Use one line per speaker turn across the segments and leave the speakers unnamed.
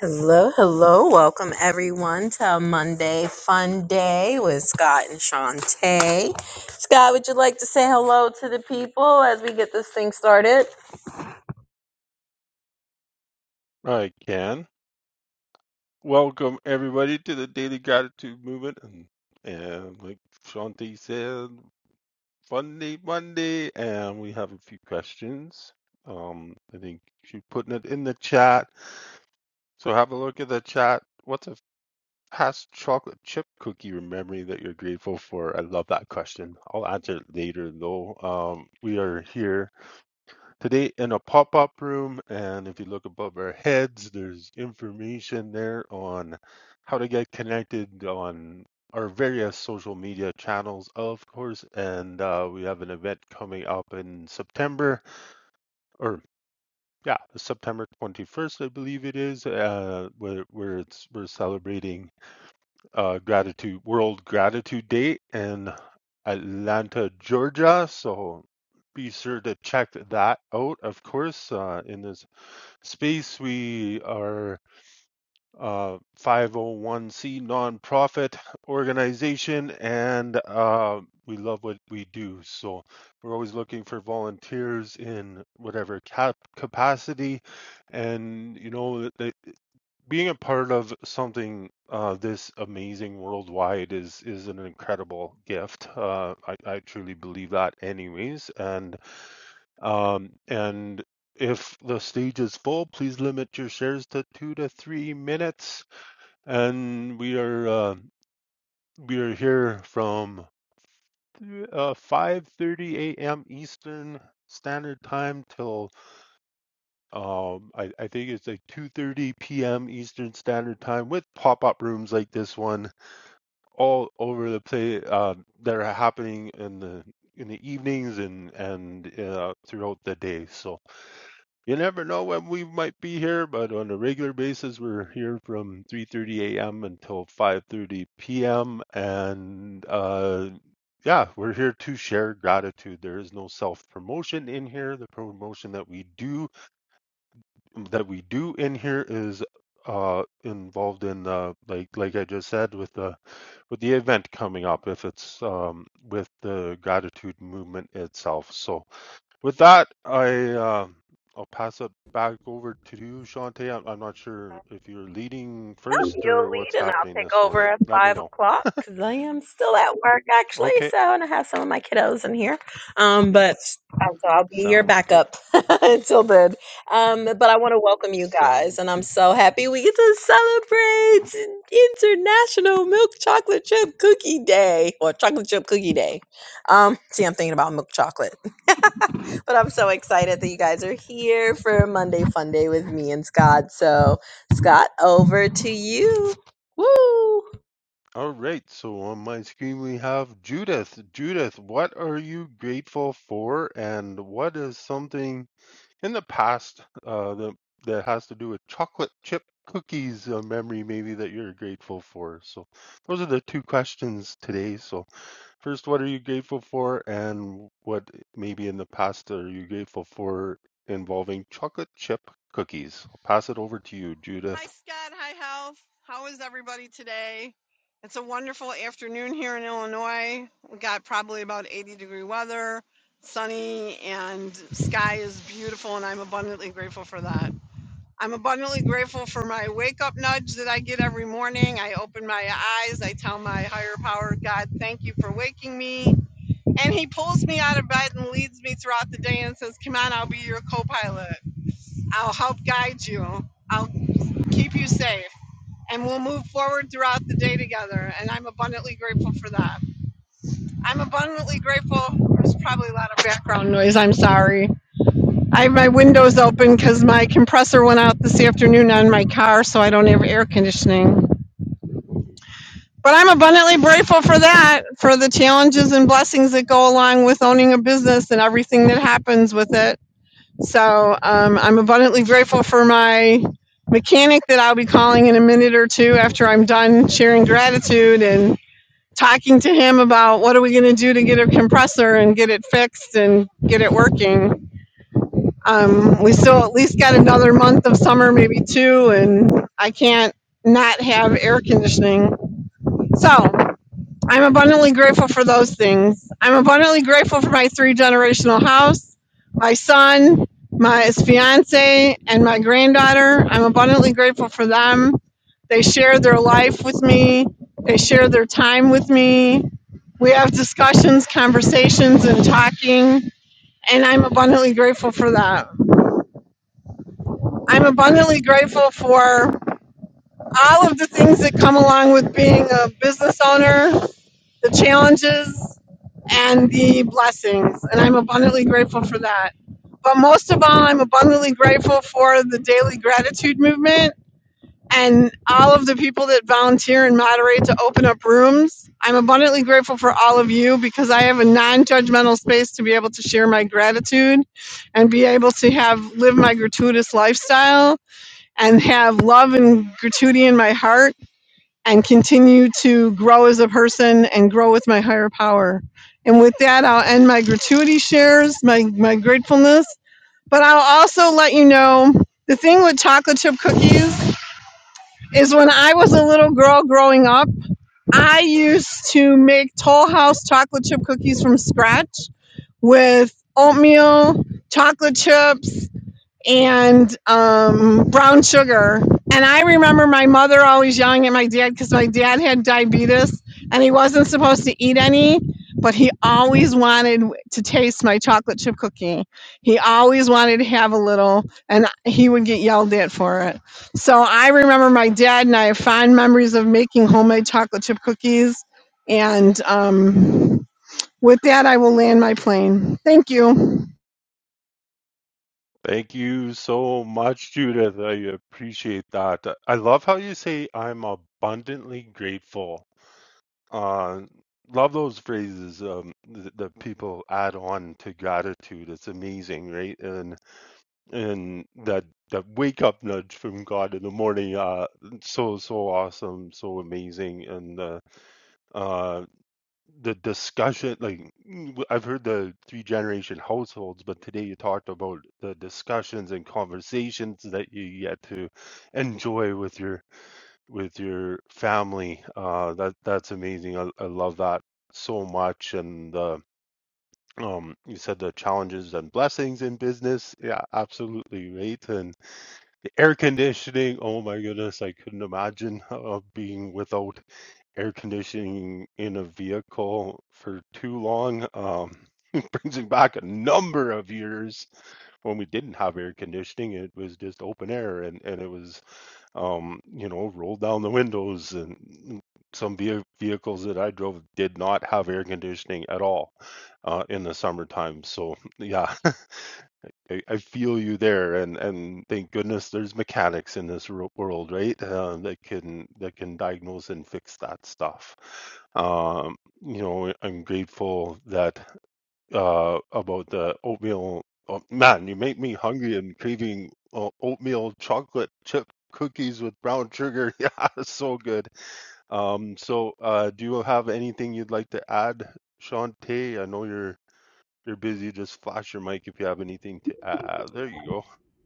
Hello, hello. Welcome everyone to a Monday Fun Day with Scott and Shantae. Scott, would you like to say hello to the people as we get this thing started?
I can. Welcome everybody to the Daily Gratitude Movement and and like Shanti said, Funday Monday and we have a few questions. Um I think she's putting it in the chat. So have a look at the chat. What's a past chocolate chip cookie or memory that you're grateful for? I love that question. I'll answer it later though. Um we are here today in a pop-up room and if you look above our heads there's information there on how to get connected on our various social media channels of course and uh, we have an event coming up in september or yeah september 21st i believe it is uh, where, where it's we're celebrating uh, gratitude world gratitude day in atlanta georgia so be sure to check that out of course uh, in this space. We are a 501c nonprofit organization and uh, we love what we do. So we're always looking for volunteers in whatever cap- capacity. And, you know, th- being a part of something uh, this amazing worldwide is is an incredible gift. Uh, I, I truly believe that, anyways. And um, and if the stage is full, please limit your shares to two to three minutes. And we are uh, we are here from uh, 5:30 a.m. Eastern Standard Time till um, I, I think it's like 2:30 p.m. Eastern Standard Time with pop-up rooms like this one all over the place uh, that are happening in the in the evenings and and uh, throughout the day. So You never know when we might be here, but on a regular basis, we're here from 3:30 a.m. until 5:30 p.m. And uh, yeah, we're here to share gratitude. There is no self-promotion in here. The promotion that we do that we do in here is uh involved in uh like like I just said with the with the event coming up if it's um with the gratitude movement itself. So with that, I um I'll pass it back over to you, Shante. I'm, I'm not sure if you're leading
Nope,
first
you'll
or what's
lead and I'll
happening
take
this
over
morning.
at
Let me
five
know.
o'clock because I am still at work actually.
Okay,
So, and I have some of my kiddos in here. Um, but uh, so I'll be your
sounds good.
backup until then. Um, but I want to welcome you guys,
Sounds
and I'm
good.
so happy we get to celebrate International Milk Chocolate Chip Cookie Day or Chocolate Chip Cookie Day. Um, see, I'm thinking about milk chocolate. but I'm so excited that you guys are here for Monday Fun Day with me and Scott. So, Scott, over to you. Woo!
All right, so on my screen we have Judith. Judith, what are you grateful for, and what is something? in the past uh, the, that has to do with chocolate chip cookies a memory maybe that you're grateful for so those are the two questions today so first what are you grateful for and what maybe in the past are you grateful for involving chocolate chip cookies i'll pass it over to you
Hi,
judith
Scott. Hi, Hal. How is everybody today? It's a wonderful afternoon here in Illinois. We got probably about 80 degree weather, sunny, and sky is beautiful, and I'm abundantly grateful for that. I'm abundantly grateful for my wake up nudge that I get every morning. I open my eyes, I tell my higher power, God, thank you for waking me. And he pulls me out of bed and leads me throughout the day and says, Come on, I'll be your co pilot. I'll help guide you. I'll keep you safe and we'll move forward throughout the day together. And I'm abundantly grateful for that. I'm abundantly grateful. There's probably a lot of background noise. I'm sorry. I have my windows open because my compressor went out this afternoon on my car, so I don't have air conditioning. But I'm abundantly grateful for that, for the challenges and blessings that go along with owning a business and everything that happens with it. So um, I'm abundantly grateful for my mechanic that I'll be calling in a minute or two after I'm done sharing gratitude and talking to him about what are we going to do to get a compressor and get it fixed and get it working. Um, we still at least got another month of summer, maybe two, and I can't not have air conditioning. So I'm abundantly grateful for those things. I'm abundantly grateful for my three generational house, my son, my fiance, and my granddaughter. I'm abundantly grateful for them. They share their life with me, they share their time with me. We have discussions, conversations, and talking, and I'm abundantly grateful for that. I'm abundantly grateful for all of the things that come along with being a business owner the challenges and the blessings. And I'm abundantly grateful for that. But most of all, I'm abundantly grateful for the daily gratitude movement and all of the people that volunteer and moderate to open up rooms. I'm abundantly grateful for all of you because I have a non-judgmental space to be able to share my gratitude and be able to have live my gratuitous lifestyle and have love and gratuity in my heart and continue to grow as a person and grow with my higher power. And with that, I'll end my gratuity shares, my, my gratefulness. But I'll also let you know the thing with chocolate chip cookies is when I was a little girl growing up, I used to make Toll House chocolate chip cookies from scratch with oatmeal, chocolate chips, and um, brown sugar. And I remember my mother always yelling at my dad because my dad had diabetes and he wasn't supposed to eat any, but he always wanted to taste my chocolate chip cookie. He always wanted to have a little, and he would get yelled at for it. So I remember my dad and I have fond memories of making homemade chocolate chip cookies. And um, with that, I will land my plane. Thank you.
thank you so much judith i appreciate that i love how you say i'm abundantly grateful Uh, love those phrases um, that, that people add on to gratitude. It's amazing, right? And and that that wake up nudge from God in the morning. Uh, so so awesome, so amazing, and uh, uh, the discussion. Like mm, w- I've heard the three generation households, but today you talked about the discussions and conversations that you get to enjoy with your with your family. Uh, that that's amazing. I, I love that so much. And the um, you said the challenges and blessings in business. Yeah, absolutely right. And the air conditioning. Oh my goodness, I couldn't imagine uh, being without air conditioning in a vehicle for too long. Um, it brings me back a number of years when we didn't have air conditioning. It was just open air, and and it was um, you know, rolled down the windows and some veh- vehicles that I drove did not have air conditioning at all uh, in the summertime. So yeah, I, I feel you there, and and thank goodness there's mechanics in this ro- world, right? Uh, that can that can diagnose and fix that stuff. Um, you know, I'm grateful that uh, about the oatmeal. Oh, man, you make me hungry and craving uh, oatmeal chocolate chip cookies with brown sugar. Yeah, so good. Um, so, uh, do you have anything you'd like to add, Shantae? I know you're you're busy. Just flash your mic if you have anything to add. There you go.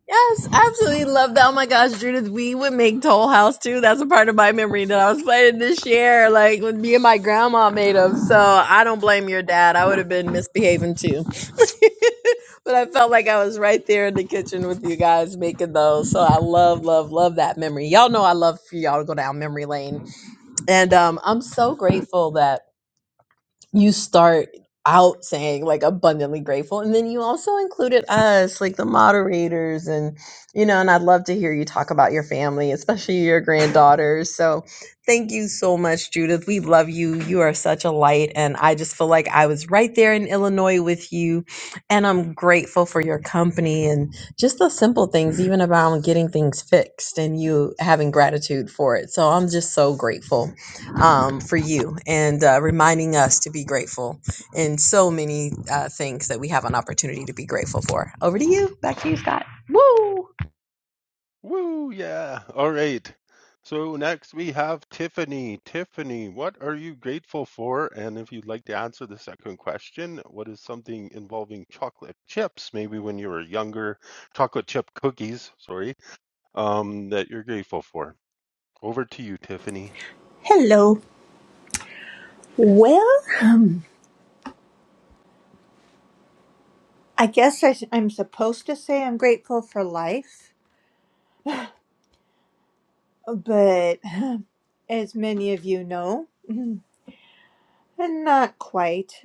Yes, absolutely love that. Oh my gosh, Judith, we would make Toll House too. That's a part of my memory that I was playing this year, like when me and my grandma made them. So I don't blame your dad. I would have been misbehaving too. but I felt like I was right there in the kitchen with you guys making those. So I love, love, love that memory. Y'all know I love for y'all to go down memory lane. And um, I'm so grateful that. you start out saying like abundantly grateful and then you also included us like the moderators and you know and I'd love to hear you talk about your family especially your granddaughters so thank you so much Judith we love you you are such a light and I just feel like I was right there in Illinois with you and I'm grateful for your company and just the simple things even about getting things fixed and you having gratitude for it so I'm just so grateful um, for you and uh, reminding us to be grateful in so many uh, things that we have an opportunity to be grateful for. Over to you. Back to you, Scott. Woo!
Woo, yeah. All right. So next we have Tiffany. Tiffany, what are you grateful for? And if you'd like to answer the second question, what is something involving chocolate chips, maybe when you were younger, chocolate chip cookies, sorry, um, that you're grateful for? Over to you, Tiffany.
Hello. Well, I guess I, am supposed to say I'm grateful for life, but as many of you know, and not quite,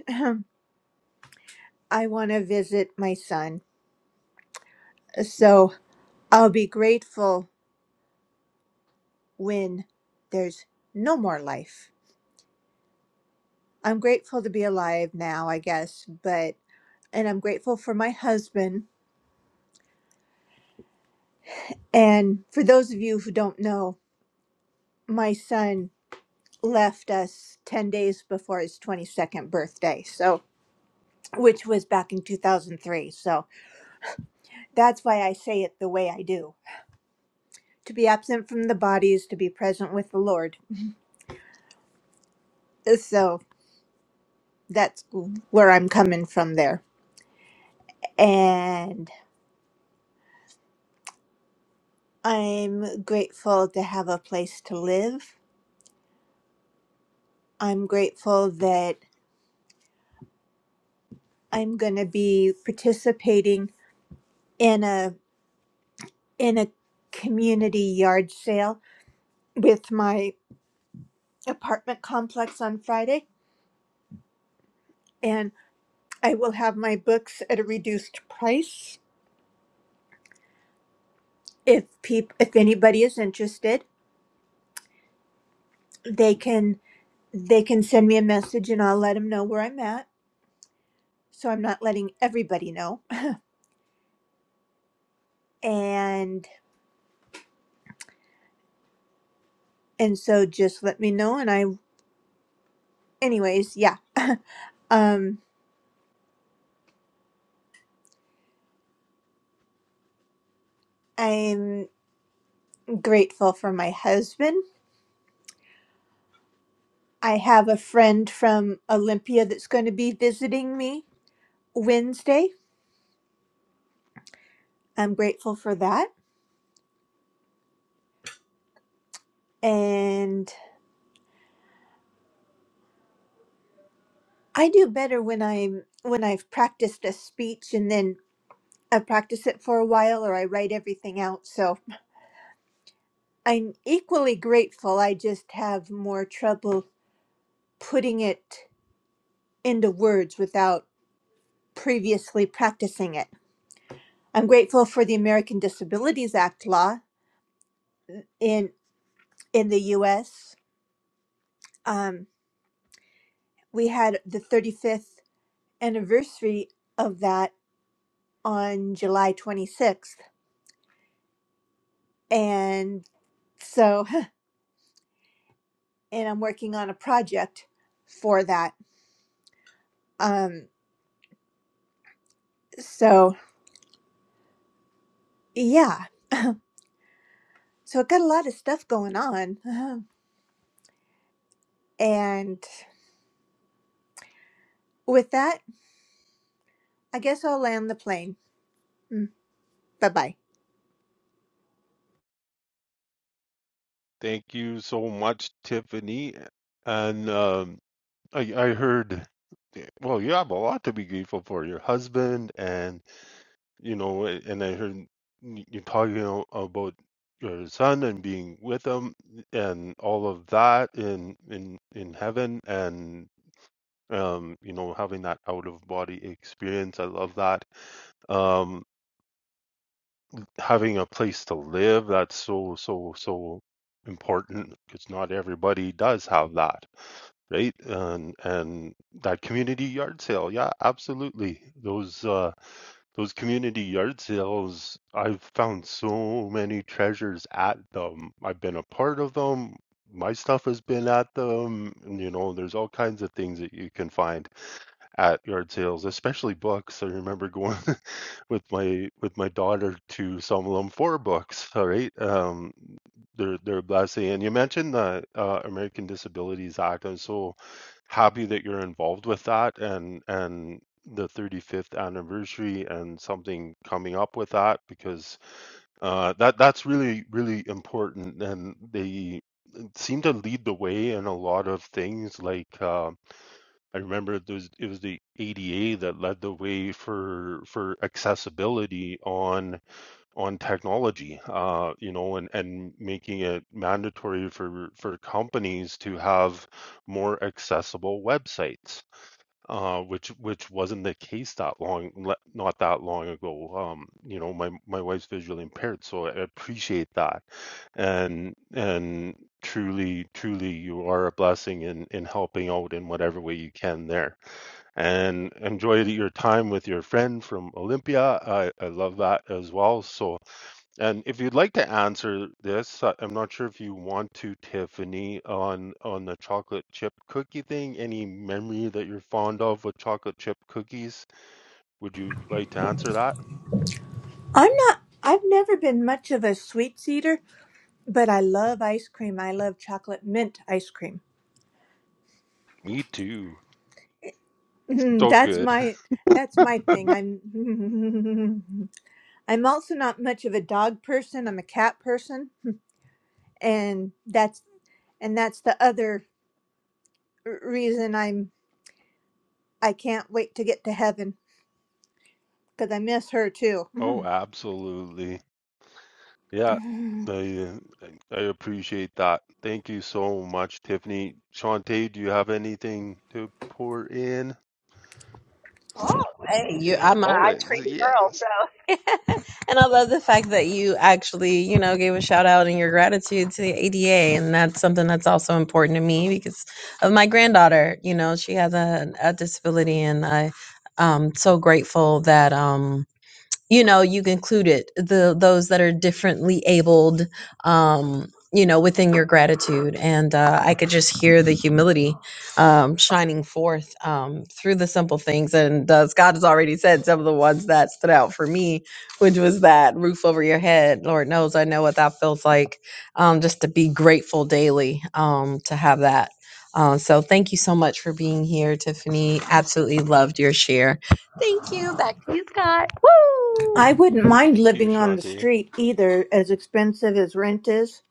I want to visit my son. So I'll be grateful when there's no more life. I'm grateful to be alive now, I guess, but, and I'm grateful for my husband. And for those of you who don't know, my son left us 10 days before his 22nd birthday. So, which was back in 2003. So that's why I say it the way I do. To be absent from the body is to be present with the Lord. uh, So that's where I'm coming from there. And I'm grateful to have a place to live. I'm grateful that I'm going to be participating in a in a community yard sale with my apartment complex on Friday and I will have my books at a reduced price if peop if anybody is interested they can they can send me a message and i'll let them know where i'm at so i'm not letting everybody know and and so just let me know and i anyways yeah um i'm grateful for my husband i have a friend from olympia that's going to be visiting me wednesday i'm grateful for that and i do better when i'm when i've practiced a speech and then I practice it for a while or I write everything out. So I'm equally grateful. I just have more trouble putting it into words without previously practicing it. I'm grateful for the American Disabilities Act law in in the US. Um, we had the 35th anniversary of that on July 26th. And so and I'm working on a project for that. Um, so yeah, So I've got a lot of stuff going on. And with that, I guess I'll land the plane. Bye bye.
Thank you so much, Tiffany. And um, I, I heard, eh, well, you have a lot to be grateful for, your husband and. you know, and I heard you talking about your son and being with him and all of that in in in heaven and um you know having that out of body experience i love that um having a place to live that's so so so important because not everybody does have that right and and that community yard sale yeah absolutely those uh Those community yard sales, I've found so many treasures at them. I've been a part of them. My stuff has been at them. and, You know, there's all kinds of things that you can find at yard sales, especially books. I remember going with my with my daughter to some of them four books. All right, um, they're they're a blessing. And you mentioned the uh, American Disabilities Act. I'm so happy that you're involved with that, and and the 35th anniversary and something coming up with that because uh, that that's really really important. And they uh, seem to lead the way in a lot of things like. Uh, I remember it was it was the ADA that led the way for for accessibility on on technology, uh, you know, and and making it mandatory for for companies to have more accessible websites, uh, which which wasn't the case that long not that long ago. Um, you know, my my wife's visually impaired, so I appreciate that, and and truly truly you are a blessing in in helping out in whatever way you can there and enjoy your time with your friend from Olympia. I, I love that as well. So, and if you'd like to answer this, I- I'm not sure if you want to, Tiffany, on on the chocolate chip cookie thing. Any memory that you're fond of with chocolate chip cookies? Would you like to answer that?
I'm not, I've never been much of a sweets eater, but I love ice cream. I love chocolate mint ice cream.
Me too.
Mm,
So
That's
good.
my. That's my thing. I'm I'm also not much of a dog person. I'm a cat person, and that's and that's the other r- reason I'm I can't wait to get to heaven because I miss her too.
Oh, absolutely. Yeah. I, uh, I I appreciate that. Thank you so much, Tiffany. Shantae, do you have anything to pour in?
Hey, you.
Yeah,
I'm a I treat
always.
girl.
Yes.
So, and I love the fact that you actually, you know, gave a shout out in your gratitude to the ADA, and that's something that's also important to me because of my granddaughter. You know, she has a, a disability, and I. I'm so grateful that um you know you've included the those that are differently abled um you know within your gratitude and uh, i could just hear the humility um shining forth um through the simple things and uh, scott has already said some of the ones that stood out for me which was that roof over your head lord knows i know what that feels like um just to be grateful daily um to have that uh, so thank you so much for being here tiffany absolutely loved your share Thank you. Back to you, Scott. Woo!
I wouldn't mind
Thank you,
living on the
Shanti.
street either, as expensive as rent is.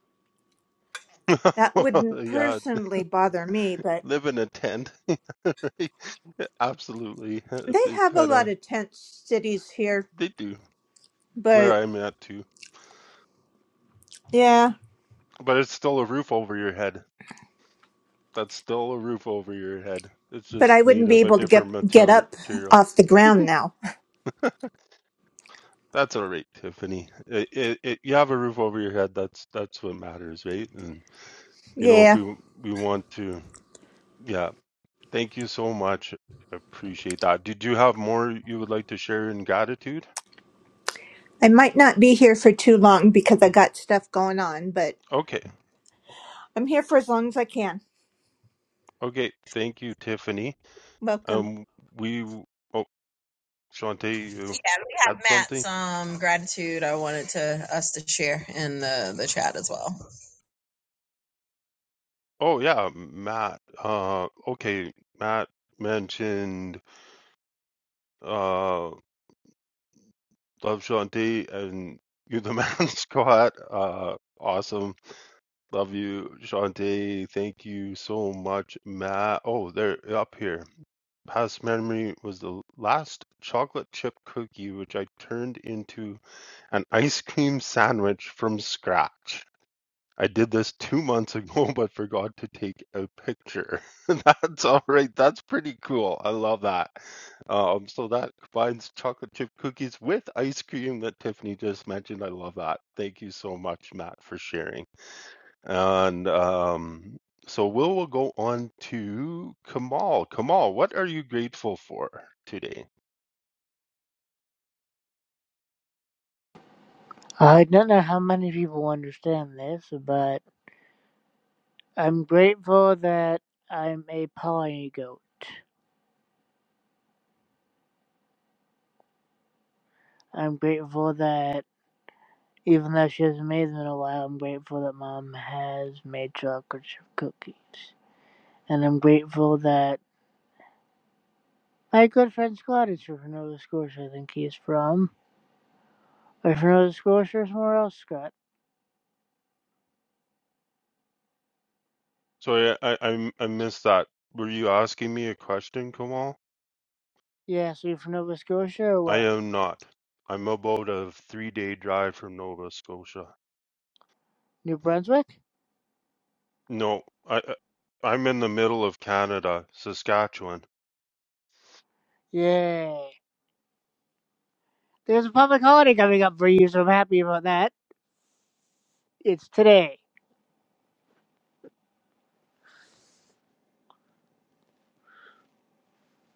That wouldn't
yeah,
personally bother me, but
live in a tent. Absolutely.
they
They
have a
kind
lot
of
of tent cities here.
they do where
But
I'm at too.
yeah,
But it's still a roof over your head. That's still a roof over your head. It's
but
just
I
made
wouldn't be
of a
able to get
different
get
materi-
up
material.
off the ground now.
That's all right, Tiffany. It, it, it, you have a roof over your head. That's that's what matters, right? And you know, if
Yeah,
we we want to, yeah. Thank you so much. Appreciate that. Did you have more you would like to share in gratitude?
I might not be here for too long because I got stuff going on, but
Okay.
I'm here for as long as I can.
Okay. Thank you, Tiffany.
Welcome.
Um, we, w- oh, Shantae, you
Yeah, we have
had
Matt's
something?
um, gratitude. I wanted to us to share in the the chat as well.
Oh, yeah, Matt. Uh, okay. Matt mentioned, uh, love Shantae and you, the man, Scott. Uh, awesome. Love you, Shantae. Thank you so much, Matt. Oh, they're up here. past memory was the last chocolate chip cookie which I turned into an ice cream sandwich from scratch. I did this two months ago, but forgot to take a picture. That's all right. That's pretty cool. I love that. Um, so that combines chocolate chip cookies with ice cream that Tiffany just mentioned. I love that. Thank you so much, Matt, for sharing. And um, so we'll, we'll go on to Kamal. Kamal, what are you grateful for today?
I don't know how many people understand this, but I'm grateful that I'm a polygoat. I'm grateful that even though she hasn't made them in a while, I'm grateful that mom has made chocolate chip cookies. And I'm grateful that my good friend Scott is from Nova Scotia, I think he is from. Or from Nova Scotia or somewhere else, Scott?
So I, I, i I missed that. Were you asking me a question, Kamal?
Yeah, so you're from Nova Scotia or
I
where?
am not. I'm about a three day drive from Nova Scotia.
New Brunswick?
No, I, I- I'm in the middle of Canada, Saskatchewan.
Yay. There's a public holiday coming up for you, so I'm happy about that. It's today.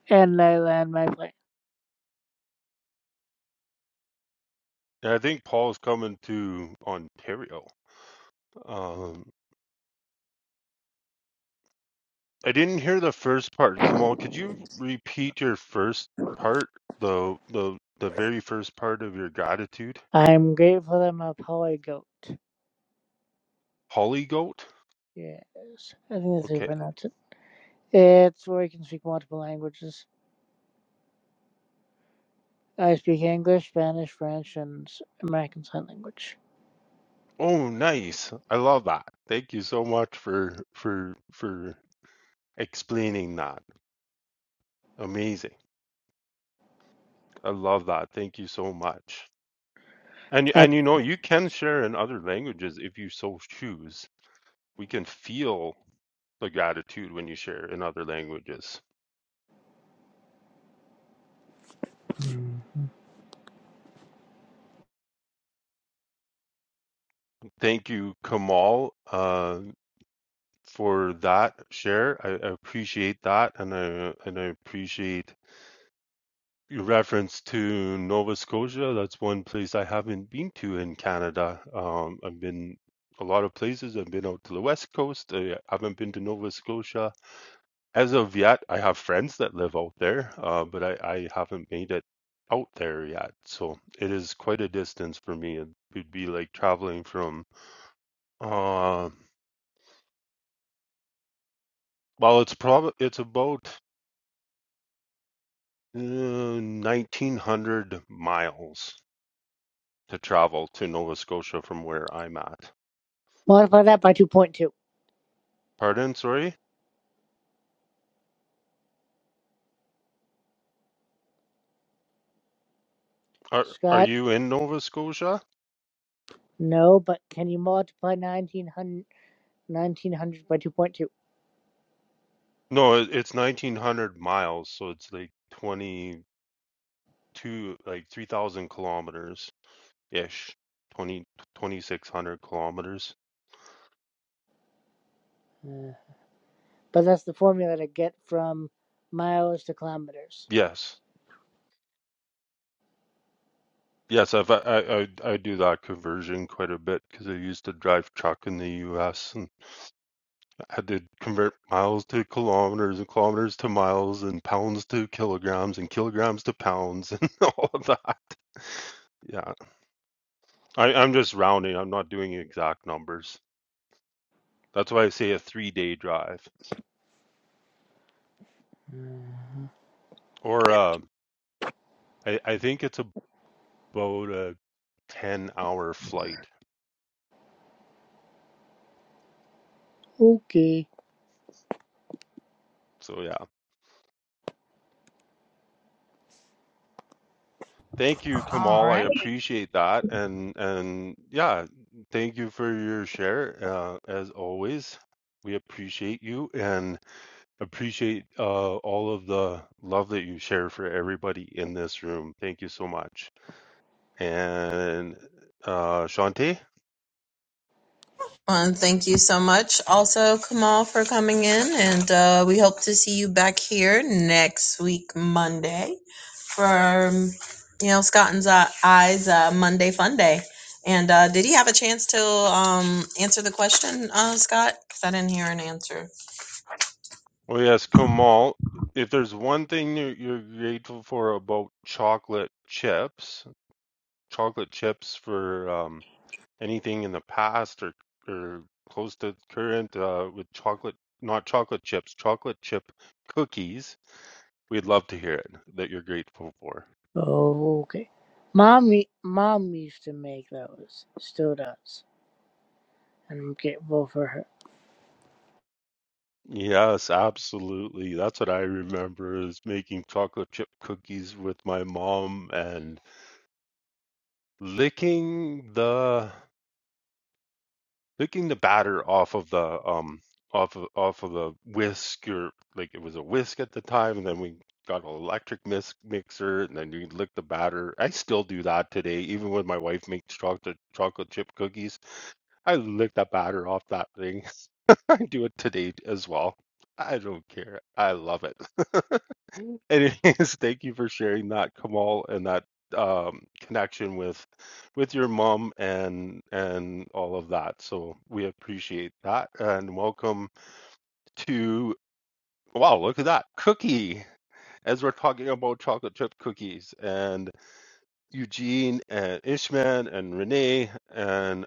And I land my plane.
And I think Paul's coming to Ontario. Um, I didn't hear the first part. Kamal, could you repeat your first part? The the the very first part of your gratitude?
I'm grateful I'm a poly goat.
Holly goat?
Yes, I think that's how you
Okay.
pronounce it. It's where you can speak multiple languages. I speak English, Spanish, French, and s- American Sign Language.
Oh, nice. I love that. Thank you so much for for for explaining that. Amazing. I love that. Thank you so much. And
I
and you know, you can share in other languages if you so choose. We can feel the gratitude when you share in other languages. Thank you, Kamal. Uh, for that share. I, I appreciate that, and I and I appreciate your reference to Nova Scotia. That's one place I haven't been to in Canada. Um, I've been a lot of places. I've been out to the West Coast. I haven't been to Nova Scotia as of yet. I have friends that live out there, uh, but I, I haven't made it out there yet. So it is quite a distance for me. It would be like traveling from. Uh, well, it's probably it's about Uh, 1900 miles to travel to Nova Scotia from where I'm at.
multiply that by 2.2.
Pardon, sorry? Are are
Scott,
you in Nova Scotia?
no, but can you multiply 1900 1900 by 2.2?
No, it- it's 1900 miles, so it's like 22 like 3000 kilometers ish. 20 2600 kilometers.
Uh, but that's the formula to get from miles to kilometers.
Yes. Yes, I've, I I I I do that conversion quite a bit because I used to drive truck in the US had to convert miles to kilometers and kilometers to miles and pounds to kilograms and kilograms to pounds and all of that. Yeah, I, I'm just rounding. I'm not doing exact numbers. That's why I say a three day drive, or uh, I, I think it's about a 10 hour flight.
Okay.
So yeah. Thank you, Kamal. I appreciate that. And and yeah, thank you for your share. Uh, as always, we appreciate you. And Appreciate uh, all of the love that you share for everybody in this room. Thank you so much. And uh, Shanti?
And thank you so much, also Kamal, for coming in, and uh, we hope to see you back here next week Monday for um, you know Scott and Z- I's uh, Monday Fun Day. And uh, did he have a chance to um, answer the question, uh, Scott? Because I didn't hear an answer.
Oh, yes, Kamal. If there's one thing you're, you're grateful for about chocolate chips, chocolate chips for um, anything in the past or, or close to current uh, with chocolate, not chocolate chips, chocolate chip cookies, we'd love to hear it that you're grateful for.
Okay. Mom, u- mom used to make those, still does, and I'm grateful for her.
Yes, absolutely. That's what I remember is making chocolate chip cookies with my mom and licking the licking the batter off of the um off of off of the whisk or like it was a whisk at the time and then we got an electric mis mixer and then you lick the batter. I still do that today, even when my wife makes chocolate chocolate chip cookies. I lick the batter off that thing. can do it today as well. I don't care. I love it. Anyways, thank you for sharing that, Kamal, and that um, connection with with your mom and and all of that. So we appreciate that, and welcome to wow, look at that cookie. As we're talking about chocolate chip cookies, and Eugene and Ishman and Renee and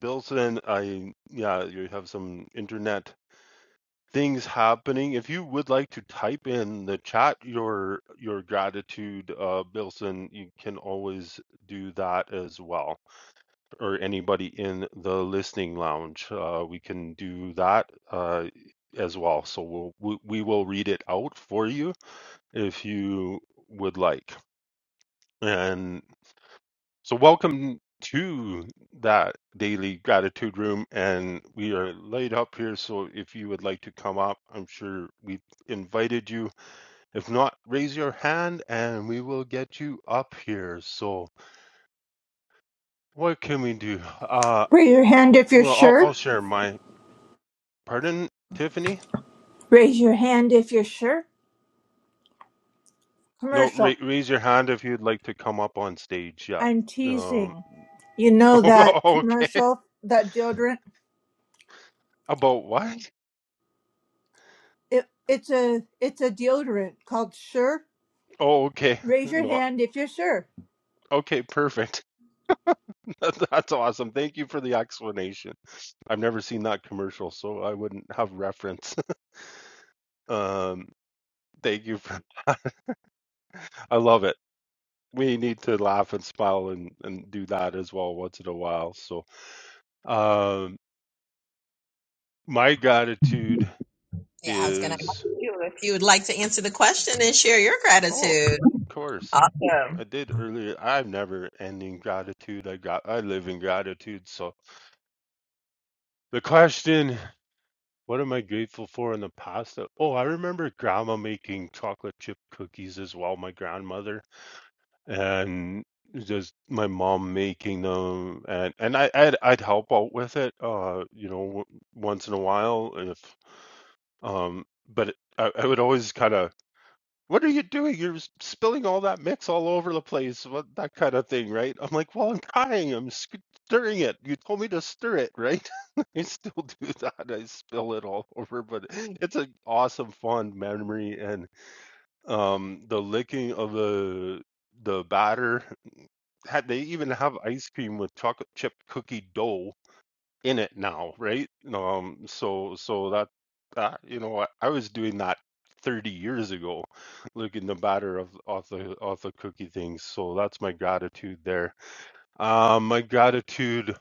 Bilson, I yeah, you have some internet things happening. If you would like to type in the chat your your gratitude, uh, Bilson, you can always do that as well. Or anybody in the listening lounge, uh, we can do that uh, as well. So we'll we, we will read it out for you if you would like. And so, welcome to that daily gratitude room. And we are laid up here. So, if you would like to come up, I'm sure we invited you. If not, raise your hand and we will get you up here. So, what can we do? Uh,
Raise your hand if you're
well, I'll,
sure.
I'll share my pardon, Tiffany.
Raise your hand if you're sure.
No,
Commercial.
ra- raise your hand if you'd like to come up on stage. Yeah.
I'm
Um,
teasing. You know that
okay.
commercial, that deodorant?
About what?
It, it's a it's a deodorant called Sure.
Oh, okay.
Raise your
No.
hand if you're sure.
Okay, perfect. That's awesome. Thank you for the explanation. I've never seen that commercial, so I wouldn't have reference. Um, thank you for that. I love it. We need to laugh and smile and, and do that as well once in a while. So, um, my gratitude
Yeah, I was going to ask
is,
you if you would like to answer the question and share your
oh,
gratitude.
of course,
Awesome.
I did earlier. I've never ending gratitude. I got, I live in gratitude. So the question What am I grateful for in the past? Uh, Oh, I remember grandma making chocolate chip cookies as well, my grandmother, and just my mom making them, and and I I'd, I'd help out with it, uh, you know, w once in a while if um, but I, I would always kind of what are you doing? You're s- spilling all that mix all over the place. What that kind of thing, right? I'm like, well, I'm trying. I'm sc- stirring it. You told me to stir it, right? I still do that. I spill it all over, but it's an awesome, fond memory. And um, the licking of the the batter. Had they even have ice cream with chocolate chip cookie dough? in it now, right? Um, so so that uh, you know I, I was doing that 30 years ago, looking the batter of off the off the cookie things. So that's my gratitude there. Um, my gratitude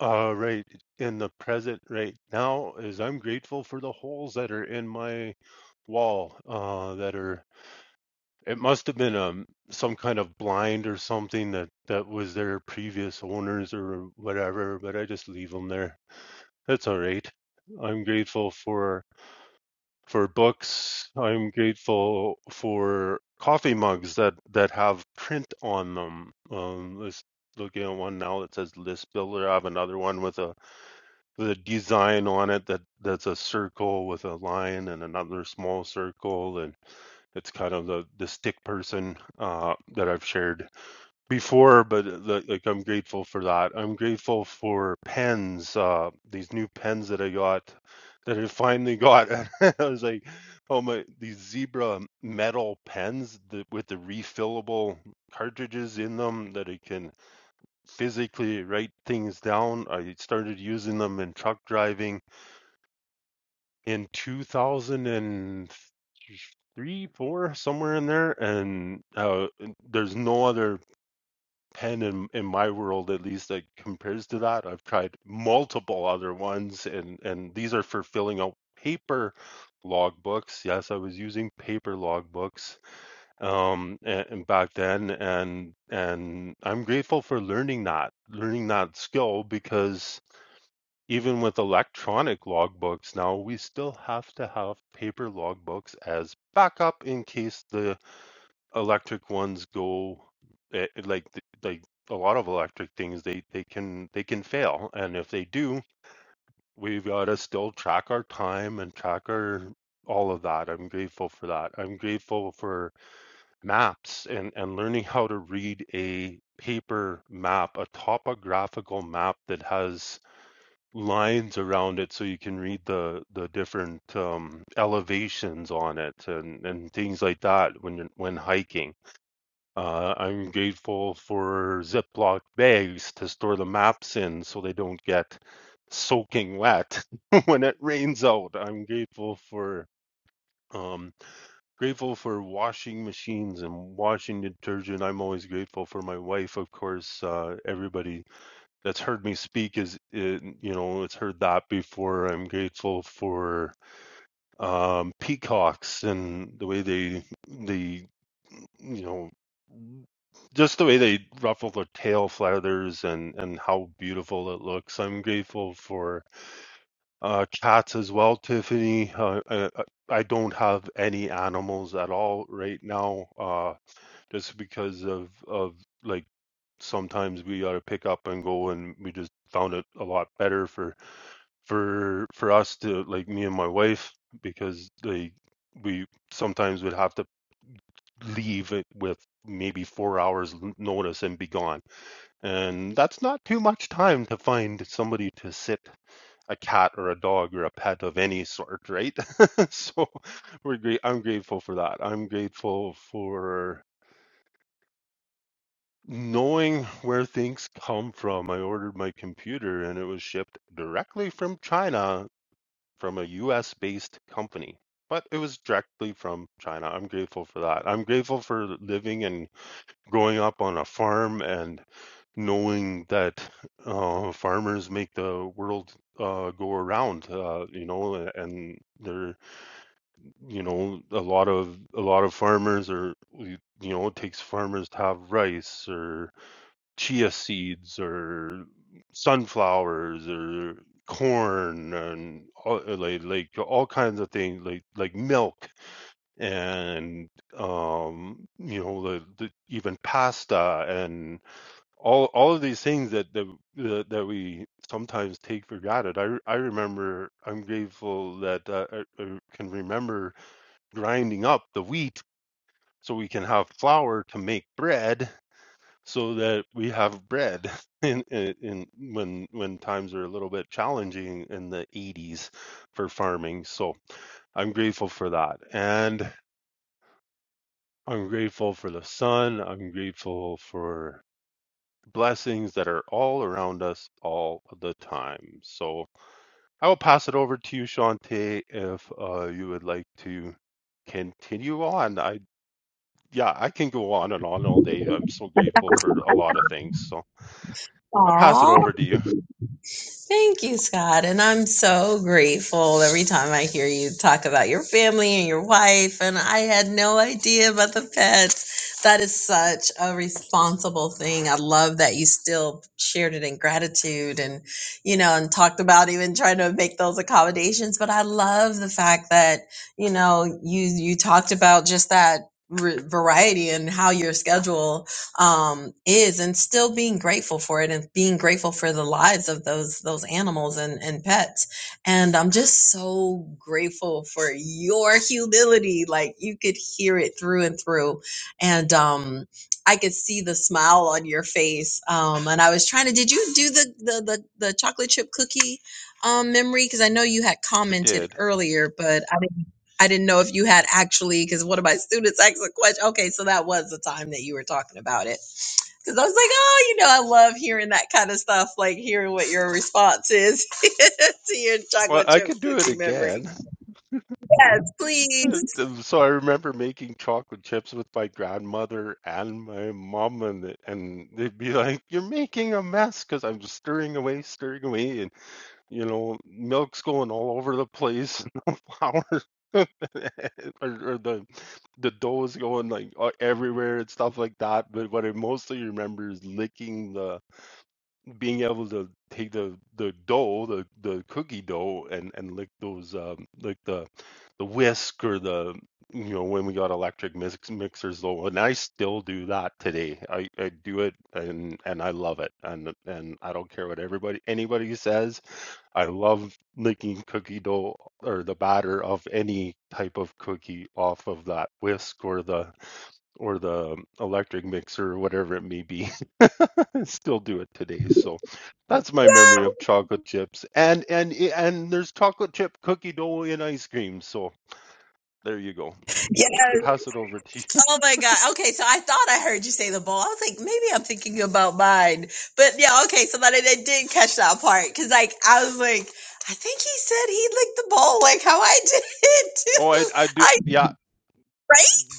uh right in the present right now is I'm grateful for the holes that are in my wall uh that are it must have been um some kind of blind or something that that was their previous owners or whatever but I just leave them there that's all right. I'm grateful for for books. I'm grateful for coffee mugs that that have print on them. Um, let's looking at one now that says list builder. I have another one with a with a design on it that that's a circle with a line and another small circle, and it's kind of the the stick person uh, that I've shared before, but uh, like, like I'm grateful for that. I'm grateful for pens, uh, these new pens that I got, that I finally got. I was like, oh my, these zebra metal pens that, with the refillable cartridges in them that I can physically write things down. I started using them in truck driving in 2003, four, somewhere in there, and uh, there's no other pen in in my world at least that compares to that. I've tried multiple other ones and and these are for filling out paper logbooks. Yes, I was using paper logbooks um and, and back then and and I'm grateful for learning that, learning that skill because even with electronic logbooks now, we still have to have paper logbooks as backup in case the electric ones go eh, eh, like th- like a lot of electric things they they can they can fail and if they do we've got to still track our time and track our all of that i'm grateful for that i'm grateful for maps and and learning how to read a paper map a topographical map that has lines around it so you can read the the different um elevations on it and and things like that when you're when hiking uh, I'm grateful for Ziploc bags to store the maps in so they don't get soaking wet when it rains out. I'm grateful for um grateful for washing machines and washing detergent. I'm always grateful for my wife, of course. Uh, everybody that's heard me speak is, uh, you know, it's heard that before. I'm grateful for um, peacocks and the way they they you know just the way they ruffle their tail feathers and and how beautiful it looks. I'm grateful for uh, cats as well, Tiffany. Uh, I, I don't have any animals at all right now, uh, just because of of like sometimes we gotta pick up and go, and we just found it a lot better for for for us to like me and my wife because they we sometimes would have to leave it with maybe four hours notice and be gone and that's not too much time to find somebody to sit a cat or a dog or a pet of any sort right so we're great i'm grateful for that i'm grateful for knowing where things come from i ordered my computer and it was shipped directly from china from a US based company, but it was directly from China. I'm grateful for that. I'm grateful for living and growing up on a farm and knowing that uh, farmers make the world uh, go around, uh, you know, and they're, you know, a lot of, a lot of farmers are, you know, it takes farmers to have rice or chia seeds or sunflowers or corn and all, uh, like like all kinds of things like like milk and um you know the, the even pasta and all all of these things that that, that that we sometimes take for granted i i remember i'm grateful that uh, I, I can remember grinding up the wheat so we can have flour to make bread so that we have bread in, in in when when times are a little bit challenging in the 80s for farming so i'm grateful for that and i'm grateful for the sun i'm grateful for blessings that are all around us all the time so i will pass it over to you shante if uh, you would like to continue on i yeah i can go on and on all day i'm so grateful for a lot of things so i'll pass it
Aw.
over to you
Thank you, Scott. And I'm so grateful every time I hear you talk about your family and your wife. And I had no idea about the pets. That is such a responsible thing. I love that you still shared it in gratitude and, you know, and talked about even trying to make those accommodations. But I love the fact that, you know, you, you talked about just that r- variety and how your schedule um, is and still being grateful for it and being grateful for the lives of those those animals and, and pets. And I'm just so grateful for your humility. Like you could hear it through and through. And um I could see the smile on your face. Um and I was trying to did you do the the the, the chocolate chip cookie um memory? Because I know you had
i
commented
did
earlier, but I didn't I didn't know if you had actually because one of my students asked a question. Okay, so that was the time that you were talking about it Cause I was like, oh, you know, I love hearing that kind of stuff, like hearing what your response is to your
Well,
chocolate
I
chip
could do it
cookie memory.
again.
Yes,
Uh,
please.
th- So I remember making chocolate chips with my grandmother and my mom, and th- and they'd be like, "You're making a mess," because I'm just stirring away, stirring away, and you know, milk's going all over the place, and the flour or, or the the dough is going like uh, everywhere and stuff like that. But what I mostly remember is licking the being able to take the the dough, the the cookie dough, and and lick those um, like the the whisk or the you know when we got electric mix, mixers though, and I still do that today. I, I do it and and I love it, and and I don't care what everybody anybody says. I love licking cookie dough or the batter of any type of cookie off of that whisk or the or the electric mixer or whatever it may be. I still do it today. So that's my memory of
Yes.
chocolate chips. And and eh, and there's chocolate chip cookie dough in ice cream. So there you go.
yes.
Pass it over to you.
Oh my God. Okay, so I thought I heard you say the bowl. I was like, maybe I'm thinking about mine. But yeah, okay, so that I did did catch that part. Cause like I was like, I think he said he licked the bowl like how I did
Oh, I
too.
I do
I
yeah.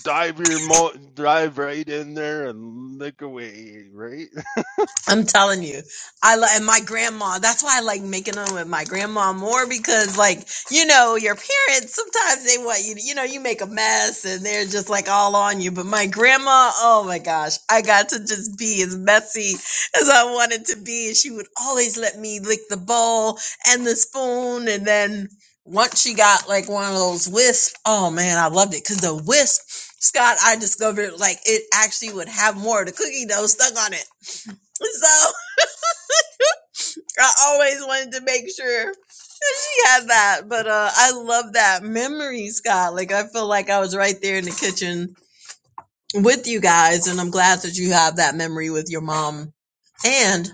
Dive your mo dive right in there and lick away, right?
I'm telling you, I love and my grandma. That's why I like making them with my grandma more because, like, you know, your parents sometimes they want you. to- You know, you make a mess and they're just like all on you. But my grandma, oh my gosh, I got to just be as messy as I wanted to be, and she would always let me lick the bowl and the spoon. And then once she got like one of those wisps, oh man, I loved it because the wisp, Scott, I discovered like it actually would have more of the cookie dough stuck on it. So I always wanted to make sure that she had that. But uh, I love that memory, Scott. Like, I feel like I was right there in the kitchen with you guys, and I'm glad that you have that memory with your mom and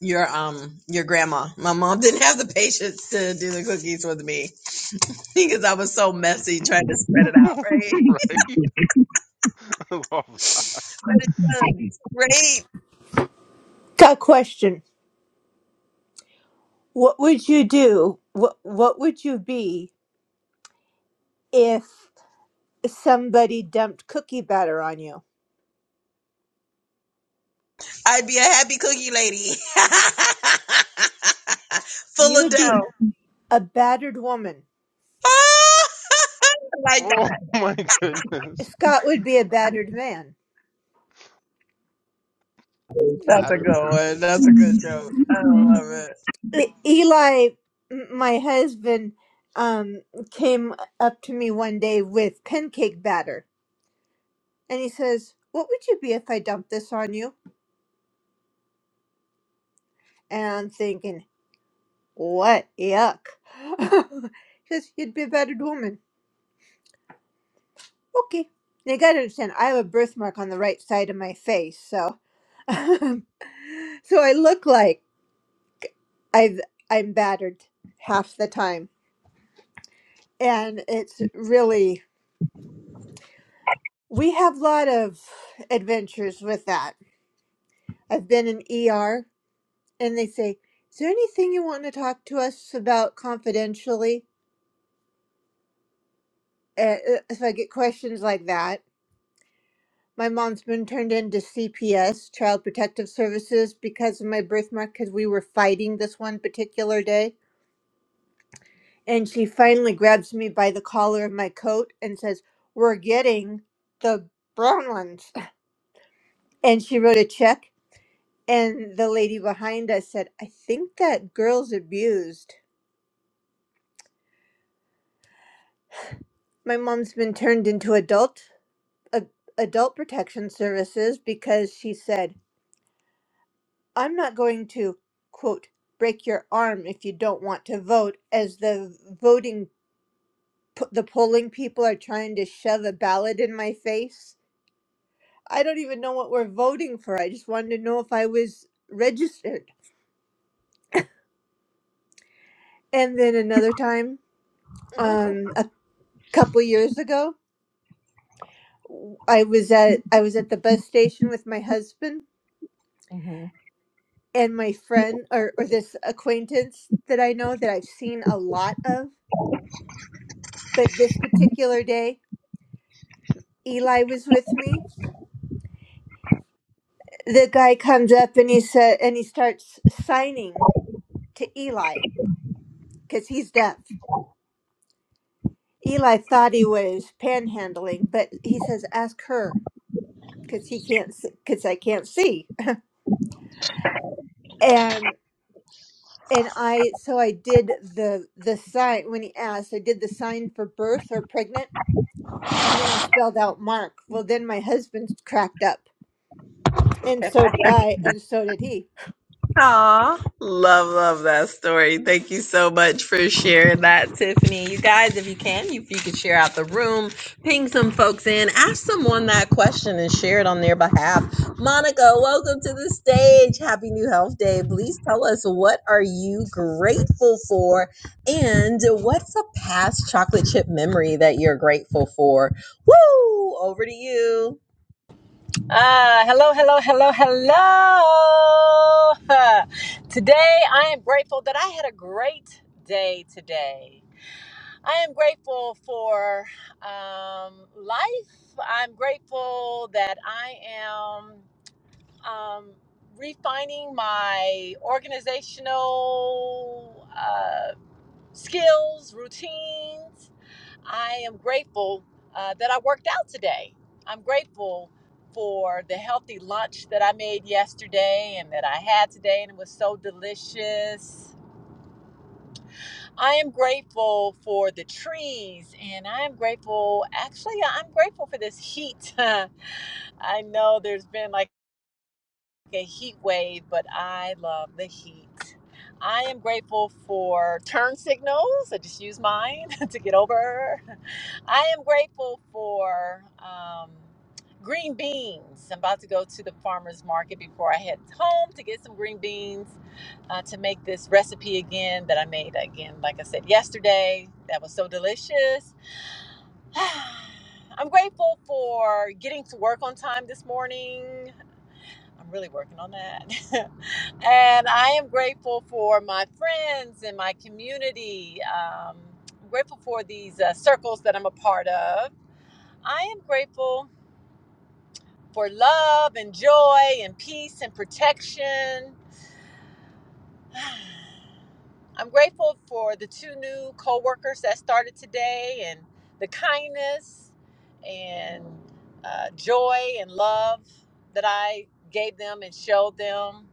your um your grandma. My mom didn't have the patience to do the cookies with me because I was so messy trying to spread it out, right?
Right? I love that.
But it sounds great.
Got a question. What would you do? What what would you be if somebody dumped cookie batter on you?
I'd be a happy cookie lady. Full
You
of
would be
dough.
a battered woman.
like
Oh my goodness.
Scott would be a
Wow.
battered
A
man.
That's a
battered
good one.
person.
That's a good joke. I love
Woohoo.
it.
E- Eli, m- my husband, um, came up to me one day with pancake batter And he says, What would you be if I dumped this on you? And I'm thinking, What? Yuck. he says, You'd be a battered woman. Okay. Now you gotta understand, I have a birthmark on the right side of my face, so so I look like I've I'm battered half the time. And it's really we have a lot of adventures with that. I've been in ER and they say, Is there anything you want to talk to us about confidentially? uh, if I get questions like that. My mom's been turned into CPS, Child Protective Services, because of my birthmark, because we were fighting this one particular day. And she finally grabs me by the collar of my coat and says, We're getting the brown ones. And she wrote a check. And the lady behind us said, I think that girl's abused. My mom's been turned into adult, a, adult protection services because she said, I'm not going to, quote, break your arm if you don't want to vote, as the voting, p- the polling people are trying to shove a ballot in my face. I don't even know what we're voting for. I just wanted to know if I was registered. And then another time, um, a couple years ago, I was at I was at the bus station with my husband and my friend or, or this acquaintance that I know that I've seen a lot of. But this particular day, Eli was with me the guy comes up and he said and he starts signing to Eli because he's deaf. Eli thought he was panhandling, but he says, "Ask her because he can't because I can't see." And and I so I did the the sign when he asked. I did the sign for birth or pregnant, and then I spelled out Mark. Well, then my husband cracked up, and so did I, and so did he.
Aw, love, love that story. Thank you so much for sharing that, Tiffany. You guys, if you can, if you could share out the room, ping some folks in, ask someone that question and share it on their behalf. Monica, welcome to the stage. Happy New Health Day. Please tell us what are you grateful for and what's a past chocolate chip memory that you're grateful for? Woo! Over to you.
Ah, uh, hello, hello, hello, hello. Uh, Today, I am grateful that I had a great day today. I am grateful for um, life. I'm grateful that I am um, refining my organizational uh, skills, routines. I am grateful uh, that I worked out today. I'm grateful for the healthy lunch that I made yesterday and that I had today, and it was so delicious. I am grateful for the trees, and I am grateful, actually, I'm grateful for this heat. I know there's been like a heat wave, but I love the heat. I am grateful for turn signals. I just use mine to get over. I am grateful for um, green beans. I'm about to go to the farmer's market before I head home to get some green beans uh, to make this recipe again that I made again, like I said yesterday. That was so delicious. I'm grateful for getting to work on time this morning. I'm really working on that. And I am grateful for my friends and my community. Um, I'm grateful for these uh, circles that I'm a part of. I am grateful for love and joy and peace and protection. I'm grateful for the two new co workers that started today and the kindness and uh, joy and love that I gave them and showed them.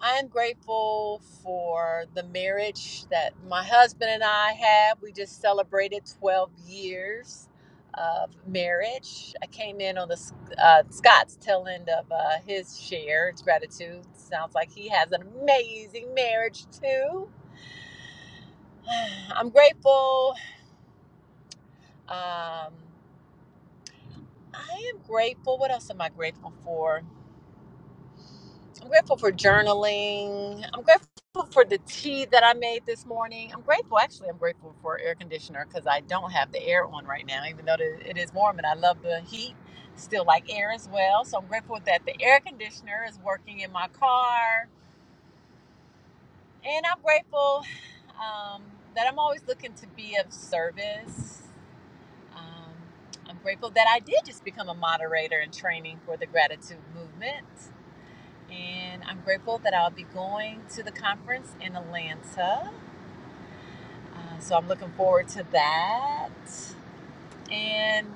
I'm grateful for the marriage that my husband and I have. We just celebrated 12 years of marriage. I came in on the uh, Scott's tail end of uh, his share. It's gratitude. Sounds like he has an amazing marriage too. I'm grateful. Um, I am grateful. What else am I grateful for? I'm grateful for journaling. I'm grateful for the tea that I made this morning. I'm grateful, actually, I'm grateful for air conditioner because I don't have the air on right now, even though the- it is warm and I love the heat. Still like air as well. So I'm grateful that the air conditioner is working in my car. And I'm grateful um, that I'm always looking to be of service. Um, I'm grateful that I did just become a moderator in training for the gratitude movement and I'm grateful that I'll be going to the conference in Atlanta. Uh, so I'm looking forward to that, and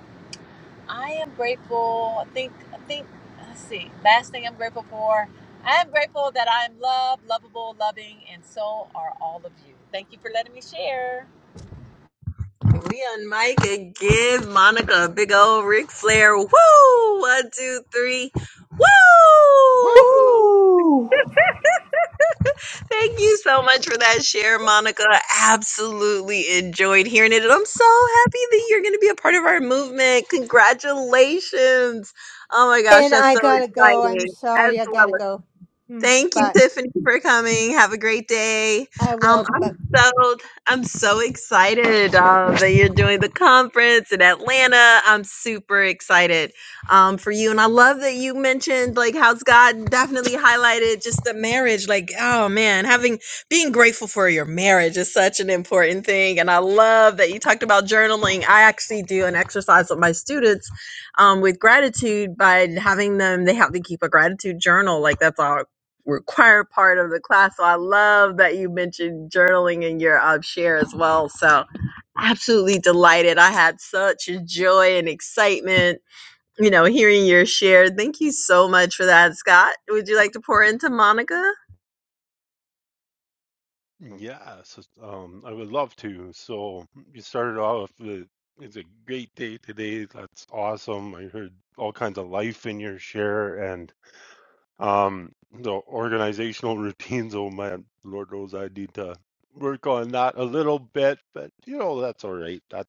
I am grateful. I think I think let's see. Last thing I'm grateful for. I am grateful that I am loved, lovable, loving, and so are all of you. Thank you for letting me share.
We on mic again, Monica, big old Ric Flair. Woo! One, two, three. Woo!
Woo!
Woo!
Thank you so much for that share, Monica. Absolutely enjoyed hearing it. And I'm so happy that you're going to be a part of our movement. Congratulations. Oh my gosh,
And
that's
I
so
gotta go. I'm
exciting. As
sorry. I gotta
well
go. Hmm,
Thank you,
Bye.
Tiffany, for coming. Have a great day.
I
Um,
will,
I'm
but
so I'm so excited uh, that you're doing the conference in Atlanta. I'm super excited um, for you, and I love that you mentioned like how's God definitely highlighted just the marriage. Like, oh man, having being grateful for your marriage is such an important thing, and I love that you talked about journaling. I actually do an exercise with my students um, with gratitude by having them they have to keep a gratitude journal like that's all required part of the class. So I love that you mentioned journaling in your um, share as well. So absolutely delighted. I had such joy and excitement, you know, hearing your share. Thank you so much for that, Scott. Would you like to pour into Monica?
Yes, um, I would love to. So you started off with it's a great day today. That's awesome. I heard all kinds of life in your share and um the organizational routines. Oh man, Lord knows I need to work on that a little bit, but you know, that's all right. That,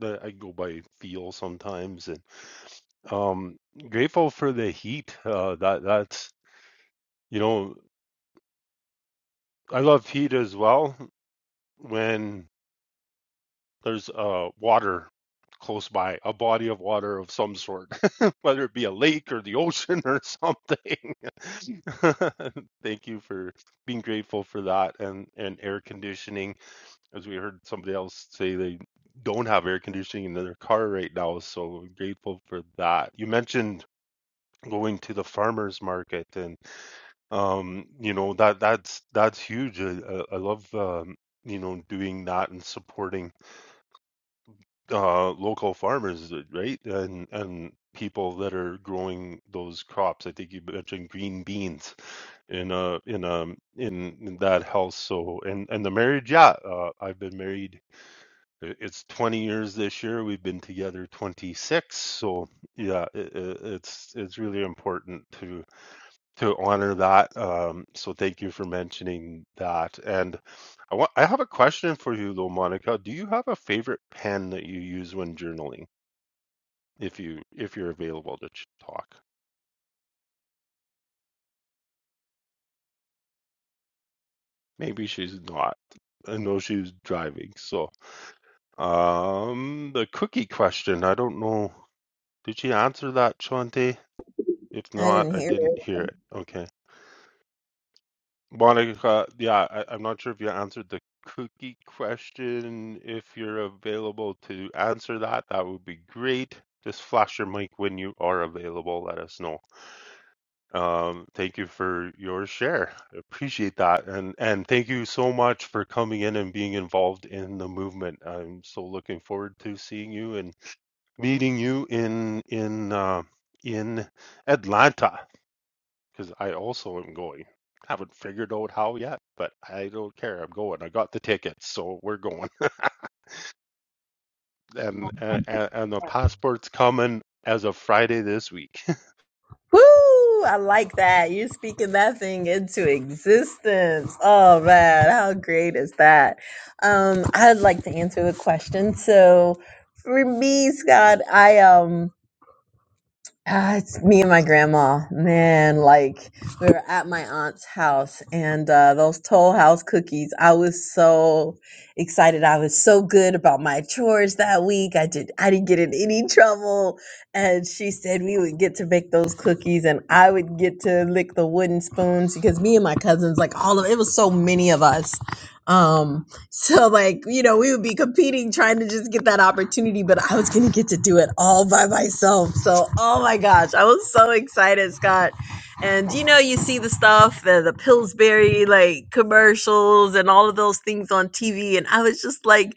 that I go by feel sometimes and um grateful for the heat. Uh that that's you know, I love heat as well when there's uh, water close by, a body of water of some sort, whether it be a lake or the ocean or something. Thank you for being grateful for that and, and air conditioning. As we heard somebody else say, they don't have air conditioning in their car right now. So I'm grateful for that. You mentioned going to the farmers market and um you know that that's that's huge I I love um you know doing that and supporting uh, local farmers, uh, right? And and people that are growing those crops. I think you mentioned green beans in uh in um in, in that house. So and and the marriage, yeah, uh, I've been married. i- It's 20 years this year. We've been together 26. So yeah, i i- it's it's really important to to honor that. Um, so thank you for mentioning that. And I want I have a question for you though, Monica. Do you have a favorite pen that you use when journaling? if you if you're available to talk. Maybe she's not. I know she's driving. So, um, the cookie question. I don't know. Did she answer that, Chante? If
I didn't
not, I
hear
didn't
it.
hear it. Okay, Monica. Yeah, I, I'm not sure if you answered the cookie question. If you're available to answer that, that would be great. Just flash your mic when you are available. Let us know. Um, thank you for your share. I appreciate that. And and thank you so much for coming in and being involved in the movement. I'm so looking forward to seeing you and meeting you in in uh, in Atlanta because I also am going. Haven't figured out how yet, but I don't care. I'm going. I got the tickets, so we're going. And and, and the passport's coming as of Friday this week.
Woo! I like that. You're speaking that thing into existence. Oh man, how great is that? Um, I'd like to answer the question. So for me, Scott, I um Ah, it's me and my grandma. Man, like we were at my aunt's house and uh, those Toll House cookies. I was so excited. I was so good about my chores that week. I did I didn't get in any trouble. And she said we would get to make those cookies and I would get to lick the wooden spoons because me and my cousins, like all of it was so many of us. Um, so like, you know, we would be competing trying to just get that opportunity, but I was going to get to do it all by myself. So, oh my gosh, I was so excited, Scott. And you know, you see the stuff, the, the Pillsbury like commercials and all of those things on TV and I was just like,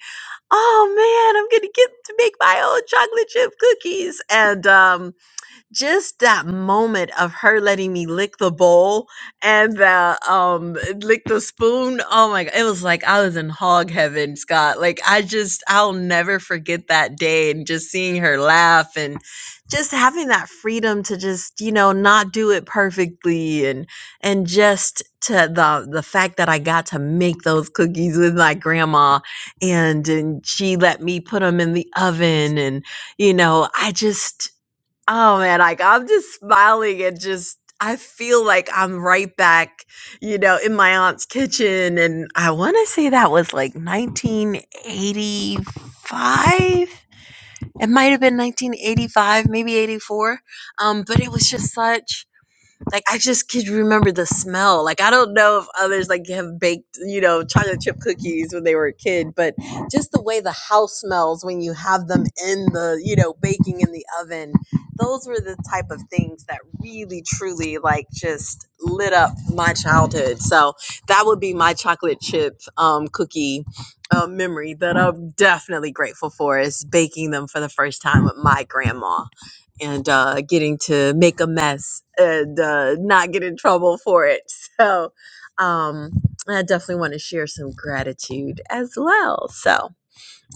"Oh man, I'm going to get to make my own chocolate chip cookies." And um just that moment of her letting me lick the bowl and the um lick the spoon oh my god it was like i was in hog heaven scott like i just i'll never forget that day and just seeing her laugh and just having that freedom to just you know not do it perfectly and and just to the the fact that i got to make those cookies with my grandma and and she let me put them in the oven and you know i just Oh man, like I'm just smiling and just I feel like I'm right back, you know, in my aunt's kitchen. And I want to say that was like 1985. It might have been 1985, maybe 84. Um, but it was just such like I just could remember the smell. Like I don't know if others like have baked, you know, chocolate chip cookies when they were a kid, but just the way the house smells when you have them in the, you know, baking in the oven. Those were the type of things that really truly like just lit up my childhood. So that would be my chocolate chip um, cookie uh, memory that I'm definitely grateful for is baking them for the first time with my grandma and uh, getting to make a mess and uh, not get in trouble for it. So um, I definitely want to share some gratitude as well. So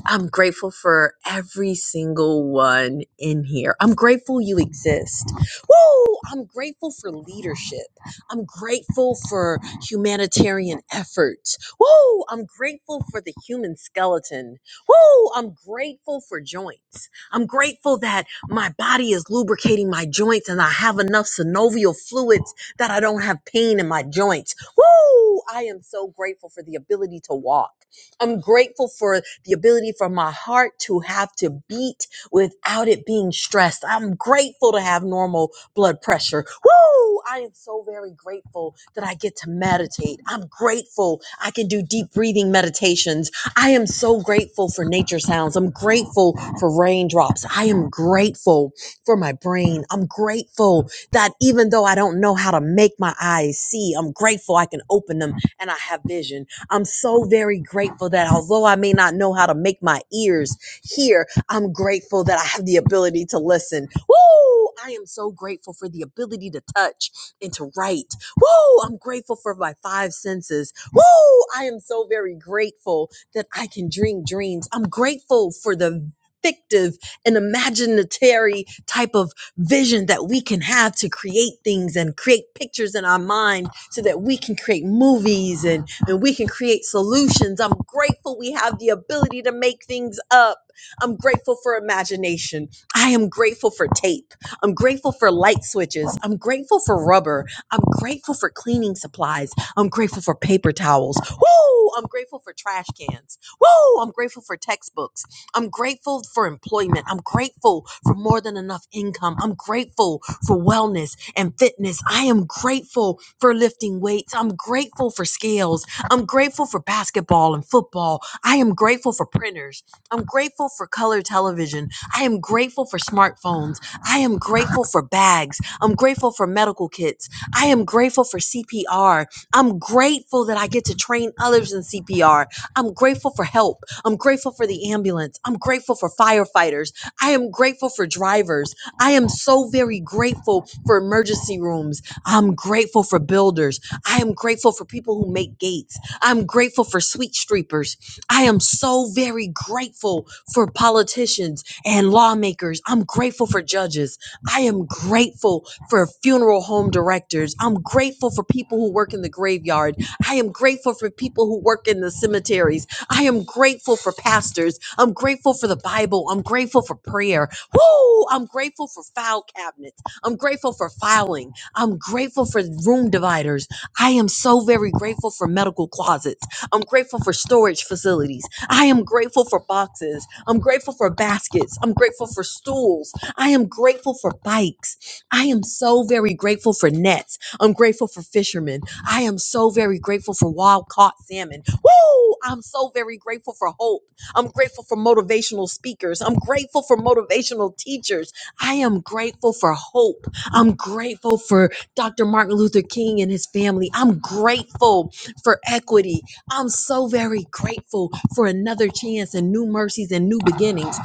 I'm grateful for every single one in here. I'm grateful you exist. Woo! I'm grateful for leadership. I'm grateful for humanitarian efforts. Woo! I'm grateful for the human skeleton. Woo! I'm grateful for joints. I'm grateful that my body is lubricating my joints and I have enough synovial fluids that I don't have pain in my joints. Woo! I am so grateful for the ability to walk. I'm grateful for the ability for my heart to have to beat without it being stressed. I'm grateful to have normal blood pressure. Woo! I am so very grateful that I get to meditate. I'm grateful I can do deep breathing meditations. I am so grateful for nature sounds. I'm grateful for raindrops. I am grateful for my brain. I'm grateful that even though I don't know how to make my eyes see, I'm grateful I can open them and I have vision. I'm so very grateful that although I may not know how to make my ears hear, I'm grateful that I have the ability to listen. Woo! I am so grateful for the ability to touch and to write. Woo! I'm grateful for my five senses. Woo! I am so very grateful that I can dream dreams. I'm grateful for the fictive and imaginatory type of vision that we can have to create things and create pictures in our mind so that we can create movies and, and we can create solutions. I'm grateful we have the ability to make things up. I'm grateful for imagination. I am grateful for tape. I'm grateful for light switches. I'm grateful for rubber. I'm grateful for cleaning supplies. I'm grateful for paper towels. Woo! I'm grateful for trash cans. Woo! I'm grateful for textbooks. I'm grateful for employment. I'm grateful for more than enough income. I'm grateful for wellness and fitness. I am grateful for lifting weights. I'm grateful for scales. I'm grateful for basketball and football. I am grateful for printers. I'm grateful for color television. I am grateful for smartphones. I am grateful for bags. I'm grateful for medical kits. I am grateful for CPR. I'm grateful that I get to train others in CPR. I'm grateful for help. I'm grateful for the ambulance. I'm grateful for firefighters. I am grateful for drivers. I am so very grateful for emergency rooms. I'm grateful for builders. I am grateful for people who make gates. I'm grateful for sweet streepers. I am so very grateful for politicians and lawmakers. I'm grateful for judges. I am grateful for funeral home directors. I'm grateful for people who work in the graveyard. I am grateful for people who work in the cemeteries. I am grateful for pastors. I'm grateful for the Bible. I'm grateful for prayer. Woo! I'm grateful for file cabinets. I'm grateful for filing. I'm grateful for room dividers. I am so very grateful for medical closets. I'm grateful for storage facilities. I am grateful for boxes. I'm grateful for baskets. I'm grateful for stools. I am grateful for bikes. I am so very grateful for nets. I'm grateful for fishermen. I am so very grateful for wild caught salmon. Woo! I'm so very grateful for hope. I'm grateful for motivational speakers. I'm grateful for motivational teachers. I am grateful for hope. I'm grateful for Dr. Martin Luther King and his family. I'm grateful for equity. I'm so very grateful for another chance and new mercies and new beginnings.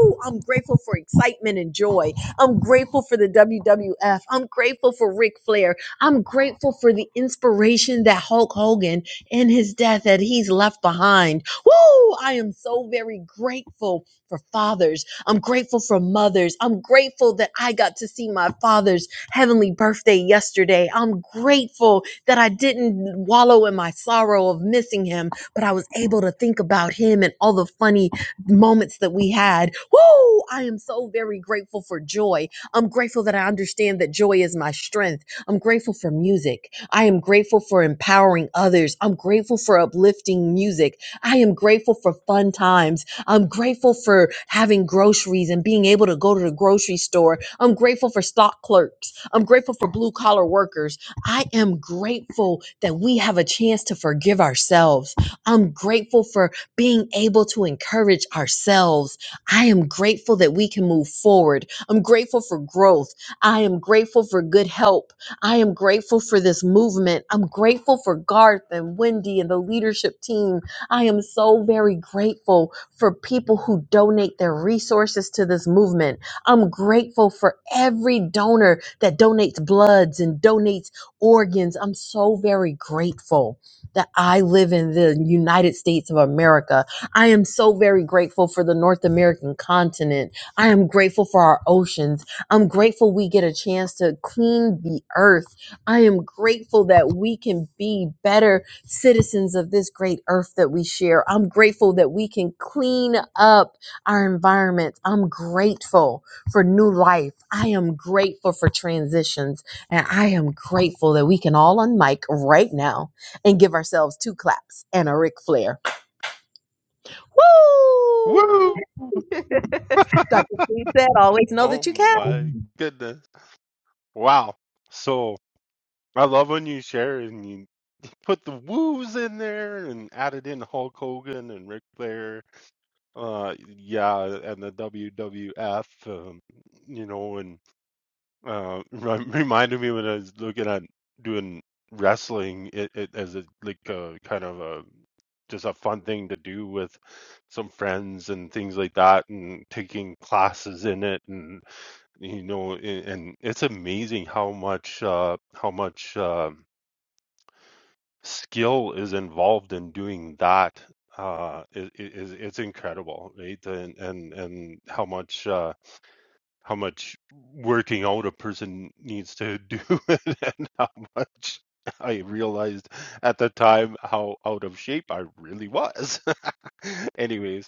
Woo! I'm grateful for excitement and joy. I'm grateful for the WWF. I'm grateful for Ric Flair. I'm grateful for the inspiration that Hulk Hogan in his death that he's left behind. Woo! I am so very grateful for fathers. I'm grateful for mothers. I'm grateful that I got to see my father's heavenly birthday yesterday. I'm grateful that I didn't wallow in my sorrow of missing him, but I was able to think about him and all the funny moments that we had. Woo! I am so very grateful for joy. I'm grateful that I understand that joy is my strength. I'm grateful for music. I am grateful for empowering others. I'm grateful for uplifting music. I am grateful for fun times. I'm grateful for having groceries and being able to go to the grocery store. I'm grateful for stock clerks. I'm grateful for blue collar workers. I am grateful that we have a chance to forgive ourselves. I'm grateful for being able to encourage ourselves. I am grateful that we can move forward. I'm grateful for growth. I am grateful for good help. I am grateful for this movement. I'm grateful for Garth and Wendy and the leadership team. I am so very grateful for people who donate their resources to this movement. I'm grateful for every donor that donates bloods and donates organs. I'm so very grateful that I live in the United States of America. I am so very grateful for the North American continent. I am grateful for our oceans. I'm grateful we get a chance to clean the earth. I am grateful that we can be better citizens of this great earth that we share. I'm grateful that we can clean up our environment. I'm grateful for new life. I am grateful for transitions. And I am grateful that we can all on mic right now and give ourselves two claps and a Ric Flair. Ooh,
Woo!
Dr. T said, always know
Oh
that you can.
my goodness. Wow. So I love when you share and you put the woos in there and added in Hulk Hogan and Ric Flair. Uh, yeah, and the WWF, um, you know, and uh, rem- reminded me when I was looking at doing wrestling it, it as a like a kind of a just a fun thing to do with some friends and things like that and taking classes in it and you know a- and it's amazing how much uh how much um skill is involved in doing that uh it, it, it's it's incredible right and and and how much uh how much working out a person needs to do and how much I realized at the time how out of shape I really was. Anyways,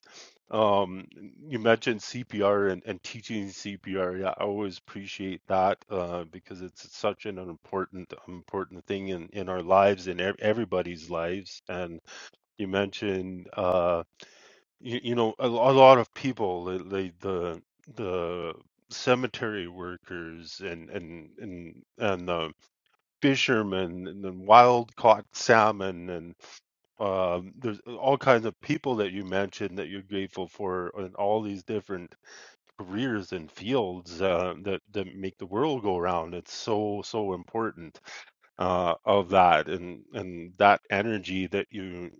um, you mentioned CPR and, and teaching CPR. Yeah, I always appreciate that uh, because it's such an important important thing in, in our lives and e-, everybody's lives. And you mentioned uh, you, you know a, lo- a lot of people the the the the cemetery workers and and and and the fishermen and the wild caught salmon and um, there's all kinds of people that you mentioned that you're grateful for and all these different careers and fields uh, that that make the world go round it's so so important uh, of that and and that energy that you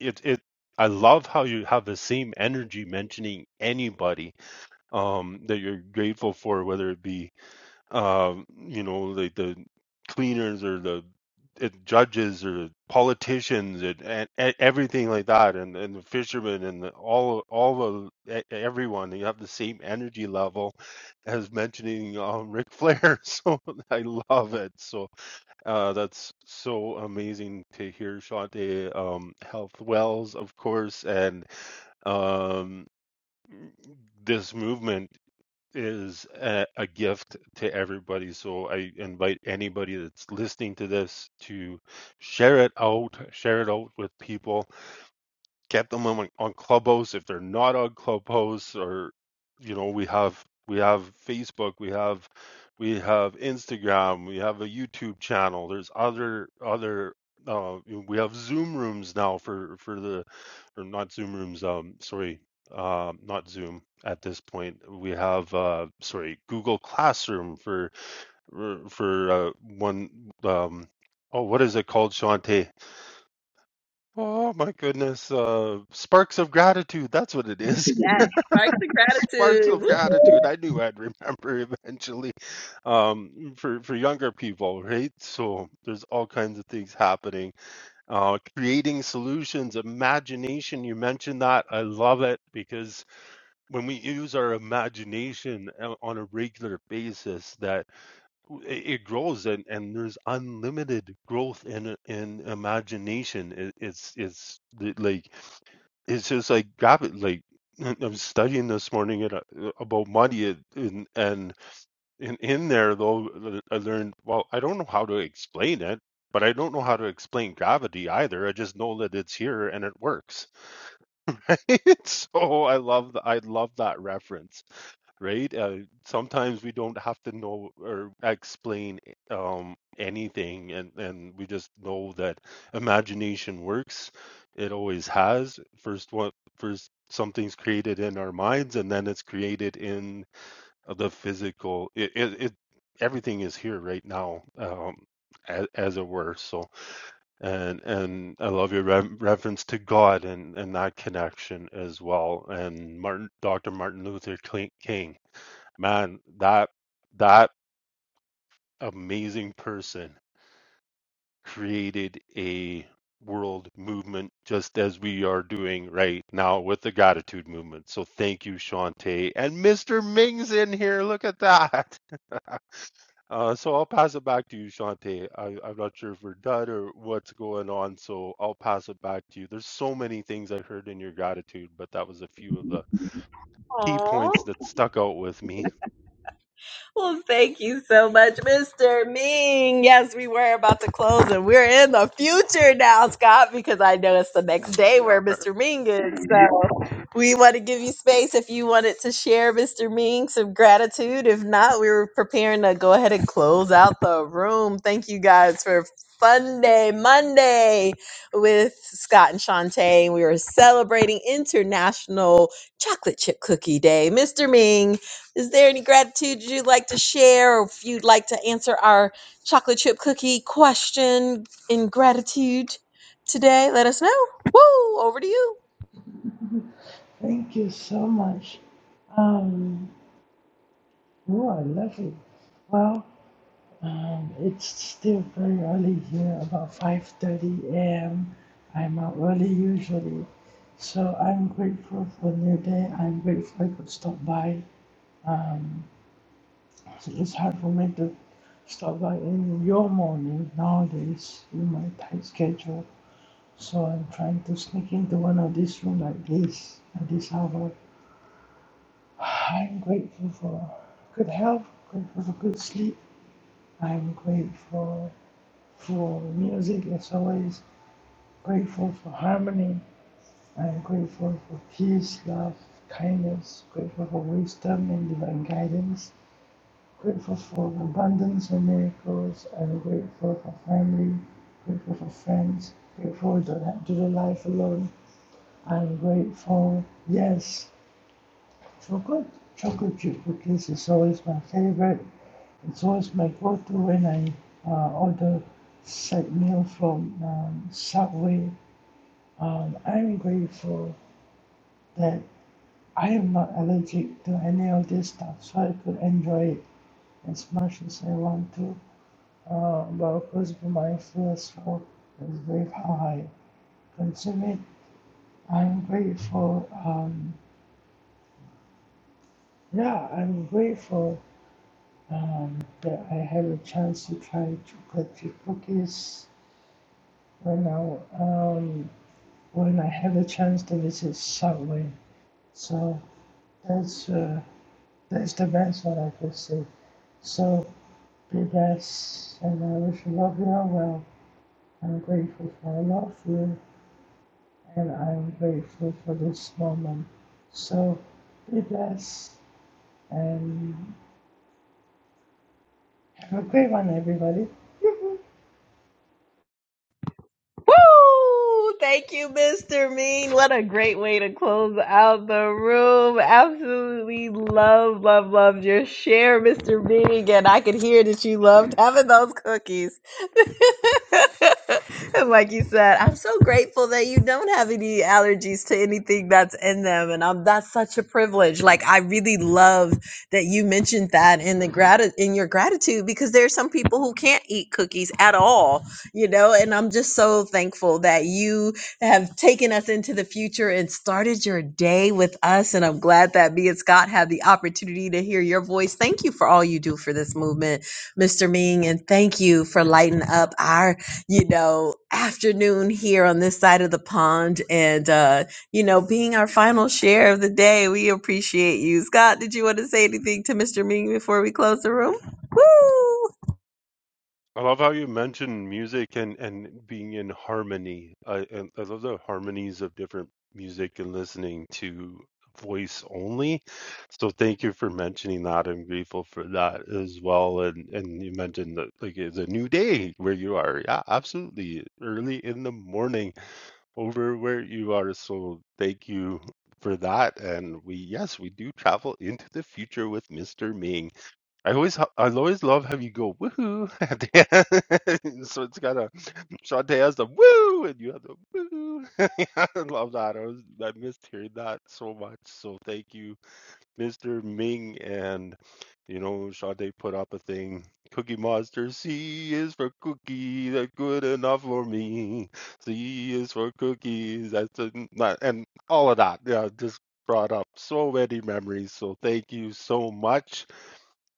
it it I love how you have the same energy mentioning anybody um that you're grateful for, whether it be um you know like the cleaners or the uh, judges or politicians and, and, and everything like that and, and the fishermen and the, all all of e- everyone you have the same energy level as mentioning um Ric Flair so I love it so uh, that's so amazing to hear, Shante. Um, Health Wells, of course, and um, this movement is a, a gift to everybody. So I invite anybody that's listening to this to share it out, share it out with people get them on, on Clubhouse. If they're not on Clubhouse, or you know, we have we have Facebook, we have we have Instagram, we have a YouTube channel. There's other other uh, we have Zoom rooms now for for the or not Zoom rooms. Um, sorry, um, not Zoom. At this point, we have uh, sorry Google Classroom for for uh, one. Um, oh, what is it called, Shante? Oh my goodness. Uh, sparks of gratitude. That's what it is.
Yes, sparks of gratitude.
sparks of
Woo!
gratitude. I knew I'd remember eventually. Um, for, for younger people, right? So there's all kinds of things happening. Uh, creating solutions, imagination. You mentioned that. I love it because when we use our imagination o- on a regular basis, that w- it it grows and, and there's unlimited growth in in imagination. It, it's it's the- like it's just like grab Like I was studying this morning and, uh, about money, and, and and in in there though, uh, I learned. Well, I don't know how to explain it, but I don't know how to explain gravity either. I just know that it's here and it works. so I love th- I love that reference right? Uh, sometimes we don't have to know or explain um, anything, and, and we just know that imagination works. It always has. First one, first something's created in our minds, and then it's created in the physical. It, it, it everything is here right now. Um, as, as it were so and and i love your re- reference to god and and that connection as well and martin dr martin luther king Man, that that amazing person created a world movement just as we are doing right now with the gratitude movement. So thank you, Shantae. And Mr. Ming's in here. Look at that. Uh, so I'll pass it back to you, Shantae. I, I'm not sure if we're done or what's going on, so I'll pass it back to you. There's so many things I heard in your gratitude, but that was a few of the key
Aw.
points that stuck out with me.
Well, thank you so much, Mr. Ming. Yes, we were about to close and we're in the future now, Scott, because I know it's the next day
We
where
are.
Mr. Ming is. So we want to give you space if you wanted to share, Mr. Ming, some gratitude. If not, we were preparing to go ahead and close out the room. Thank you guys for Sunday, Monday with Scott and Shantae. We were celebrating International Chocolate Chip Cookie Day. Mr. Ming, is there any gratitude you'd like to share, or if you'd like to answer our chocolate chip cookie question in gratitude today? Let us know. Woo! Over to you.
Thank you so much. Um, oh, I love it. Well, um, it's still very early here, about 5:30 a.m. I'm out early usually, so I'm grateful for a new day. I'm grateful I could stop by. Um, it's hard for me to stop by in your morning nowadays in my tight schedule, so I'm trying to sneak into one of these rooms like this at this hour. I'm grateful for good health, grateful for good sleep. I'm grateful for music as always, grateful for harmony. I'm grateful for peace, love, kindness, grateful for wisdom and divine guidance, grateful for abundance and miracles. I'm grateful for family, grateful for friends, grateful to not to the life alone. I'm grateful, yes, for good. Chocolate chip cookies is always my favorite. So it's always my go-to when I uh, order side meal from um, Subway. Um, I'm grateful that I am not allergic to any of this stuff, so I could enjoy it as much as I want to. Uh, but of course, for my first so it's very how I consume it. I'm grateful. Um, yeah, I'm grateful um, that I had a chance to try chocolate chip cookies right now. Um, when I have a chance to visit Subway. So that's uh, that's the best one I could say. So be best, and I wish you love you all well. I'm grateful for a lot of you, and I'm grateful for this moment. So be blessed, and have a great one, everybody.
Woo! Thank you, Mr. Mean. What a great way to close out the room. Absolutely love, love, loved your share, Mr. Mean. And I could hear that you loved having those cookies. and like you said, I'm so grateful that you don't have any allergies to anything that's in them. And I'm, that's such a privilege. Like I really love that you mentioned that in the grat- in your gratitude because there are some people who can't eat cookies at all you know, and I'm just so thankful that you have taken us into the future and started your day with us. And I'm glad that me and Scott had the opportunity to hear your voice. Thank you for all you do for this movement, Mr. Ming, and thank you for lighting up our, you know, afternoon here on this side of the pond and uh, you know, being our final share of the day. We appreciate you. Scott, did you want to say anything to Mr. Ming before we close the room? Woo!
I love how you mentioned music and and being in harmony. I and I love the harmonies of different music and listening to voice only. So thank you for mentioning that. I'm grateful for that as well. And and you mentioned that like it's a new day where you are. Yeah, absolutely. Early in the morning over where you are. So thank you for that. And we yes, we do travel into the future with Mr. Ming. I always, ho- I always love how you go woohoo at the end. so it's got a Shantae has the woo and you have the woo. I love that. I was, I missed hearing that so much. So thank you, Mr. Ming, and you know Shantae put up a thing. Cookie Monster C is for cookie, that's good enough for me. C is for cookies, that's a, not, and all of that. Yeah, just brought up so many memories. So thank you so much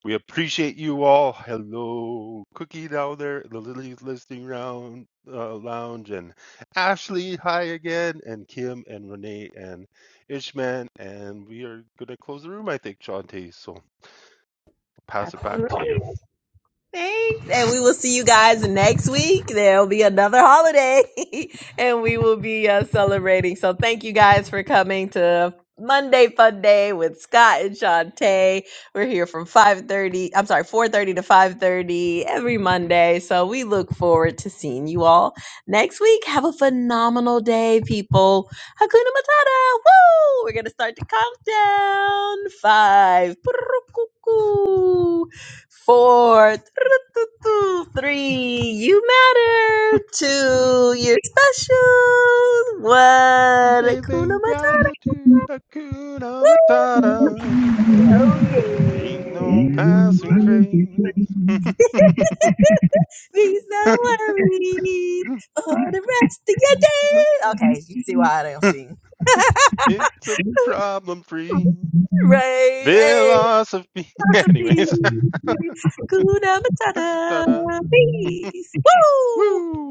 we appreciate you all. Hello, Cookie down there, the Lily's Listening Round uh, Lounge, and Ashley. Hi again, and Kim and Renee and Ishman. And we are gonna close the room, I think, Shante. So I'll pass it back to you.
Thanks. And we will see you guys next week. There'll be another holiday and we will be uh, celebrating. So thank you guys for coming to Monday Fun Day with Scott and Shantae. We're here from 5.30, I'm sorry, 4.30 to 5.30 every Monday. So we look forward to seeing you all next week. Have a phenomenal day, people. Hakuna Matata. Woo! We're going to start the countdown. Five four, three, you matter. Two, you're special. One, Kuna
Living
Matata.
gratitude, Hakuna Matata.
Oh yeah.
Ain't no passing craze.
Be so worried for the rest of your day. Okay, you see why I don't sing.
It's a problem free.
Right, hey,
Philosophy.
that's
Anyways,
a Kuna Matata.
ta-da.
Peace. Woo!
Woo!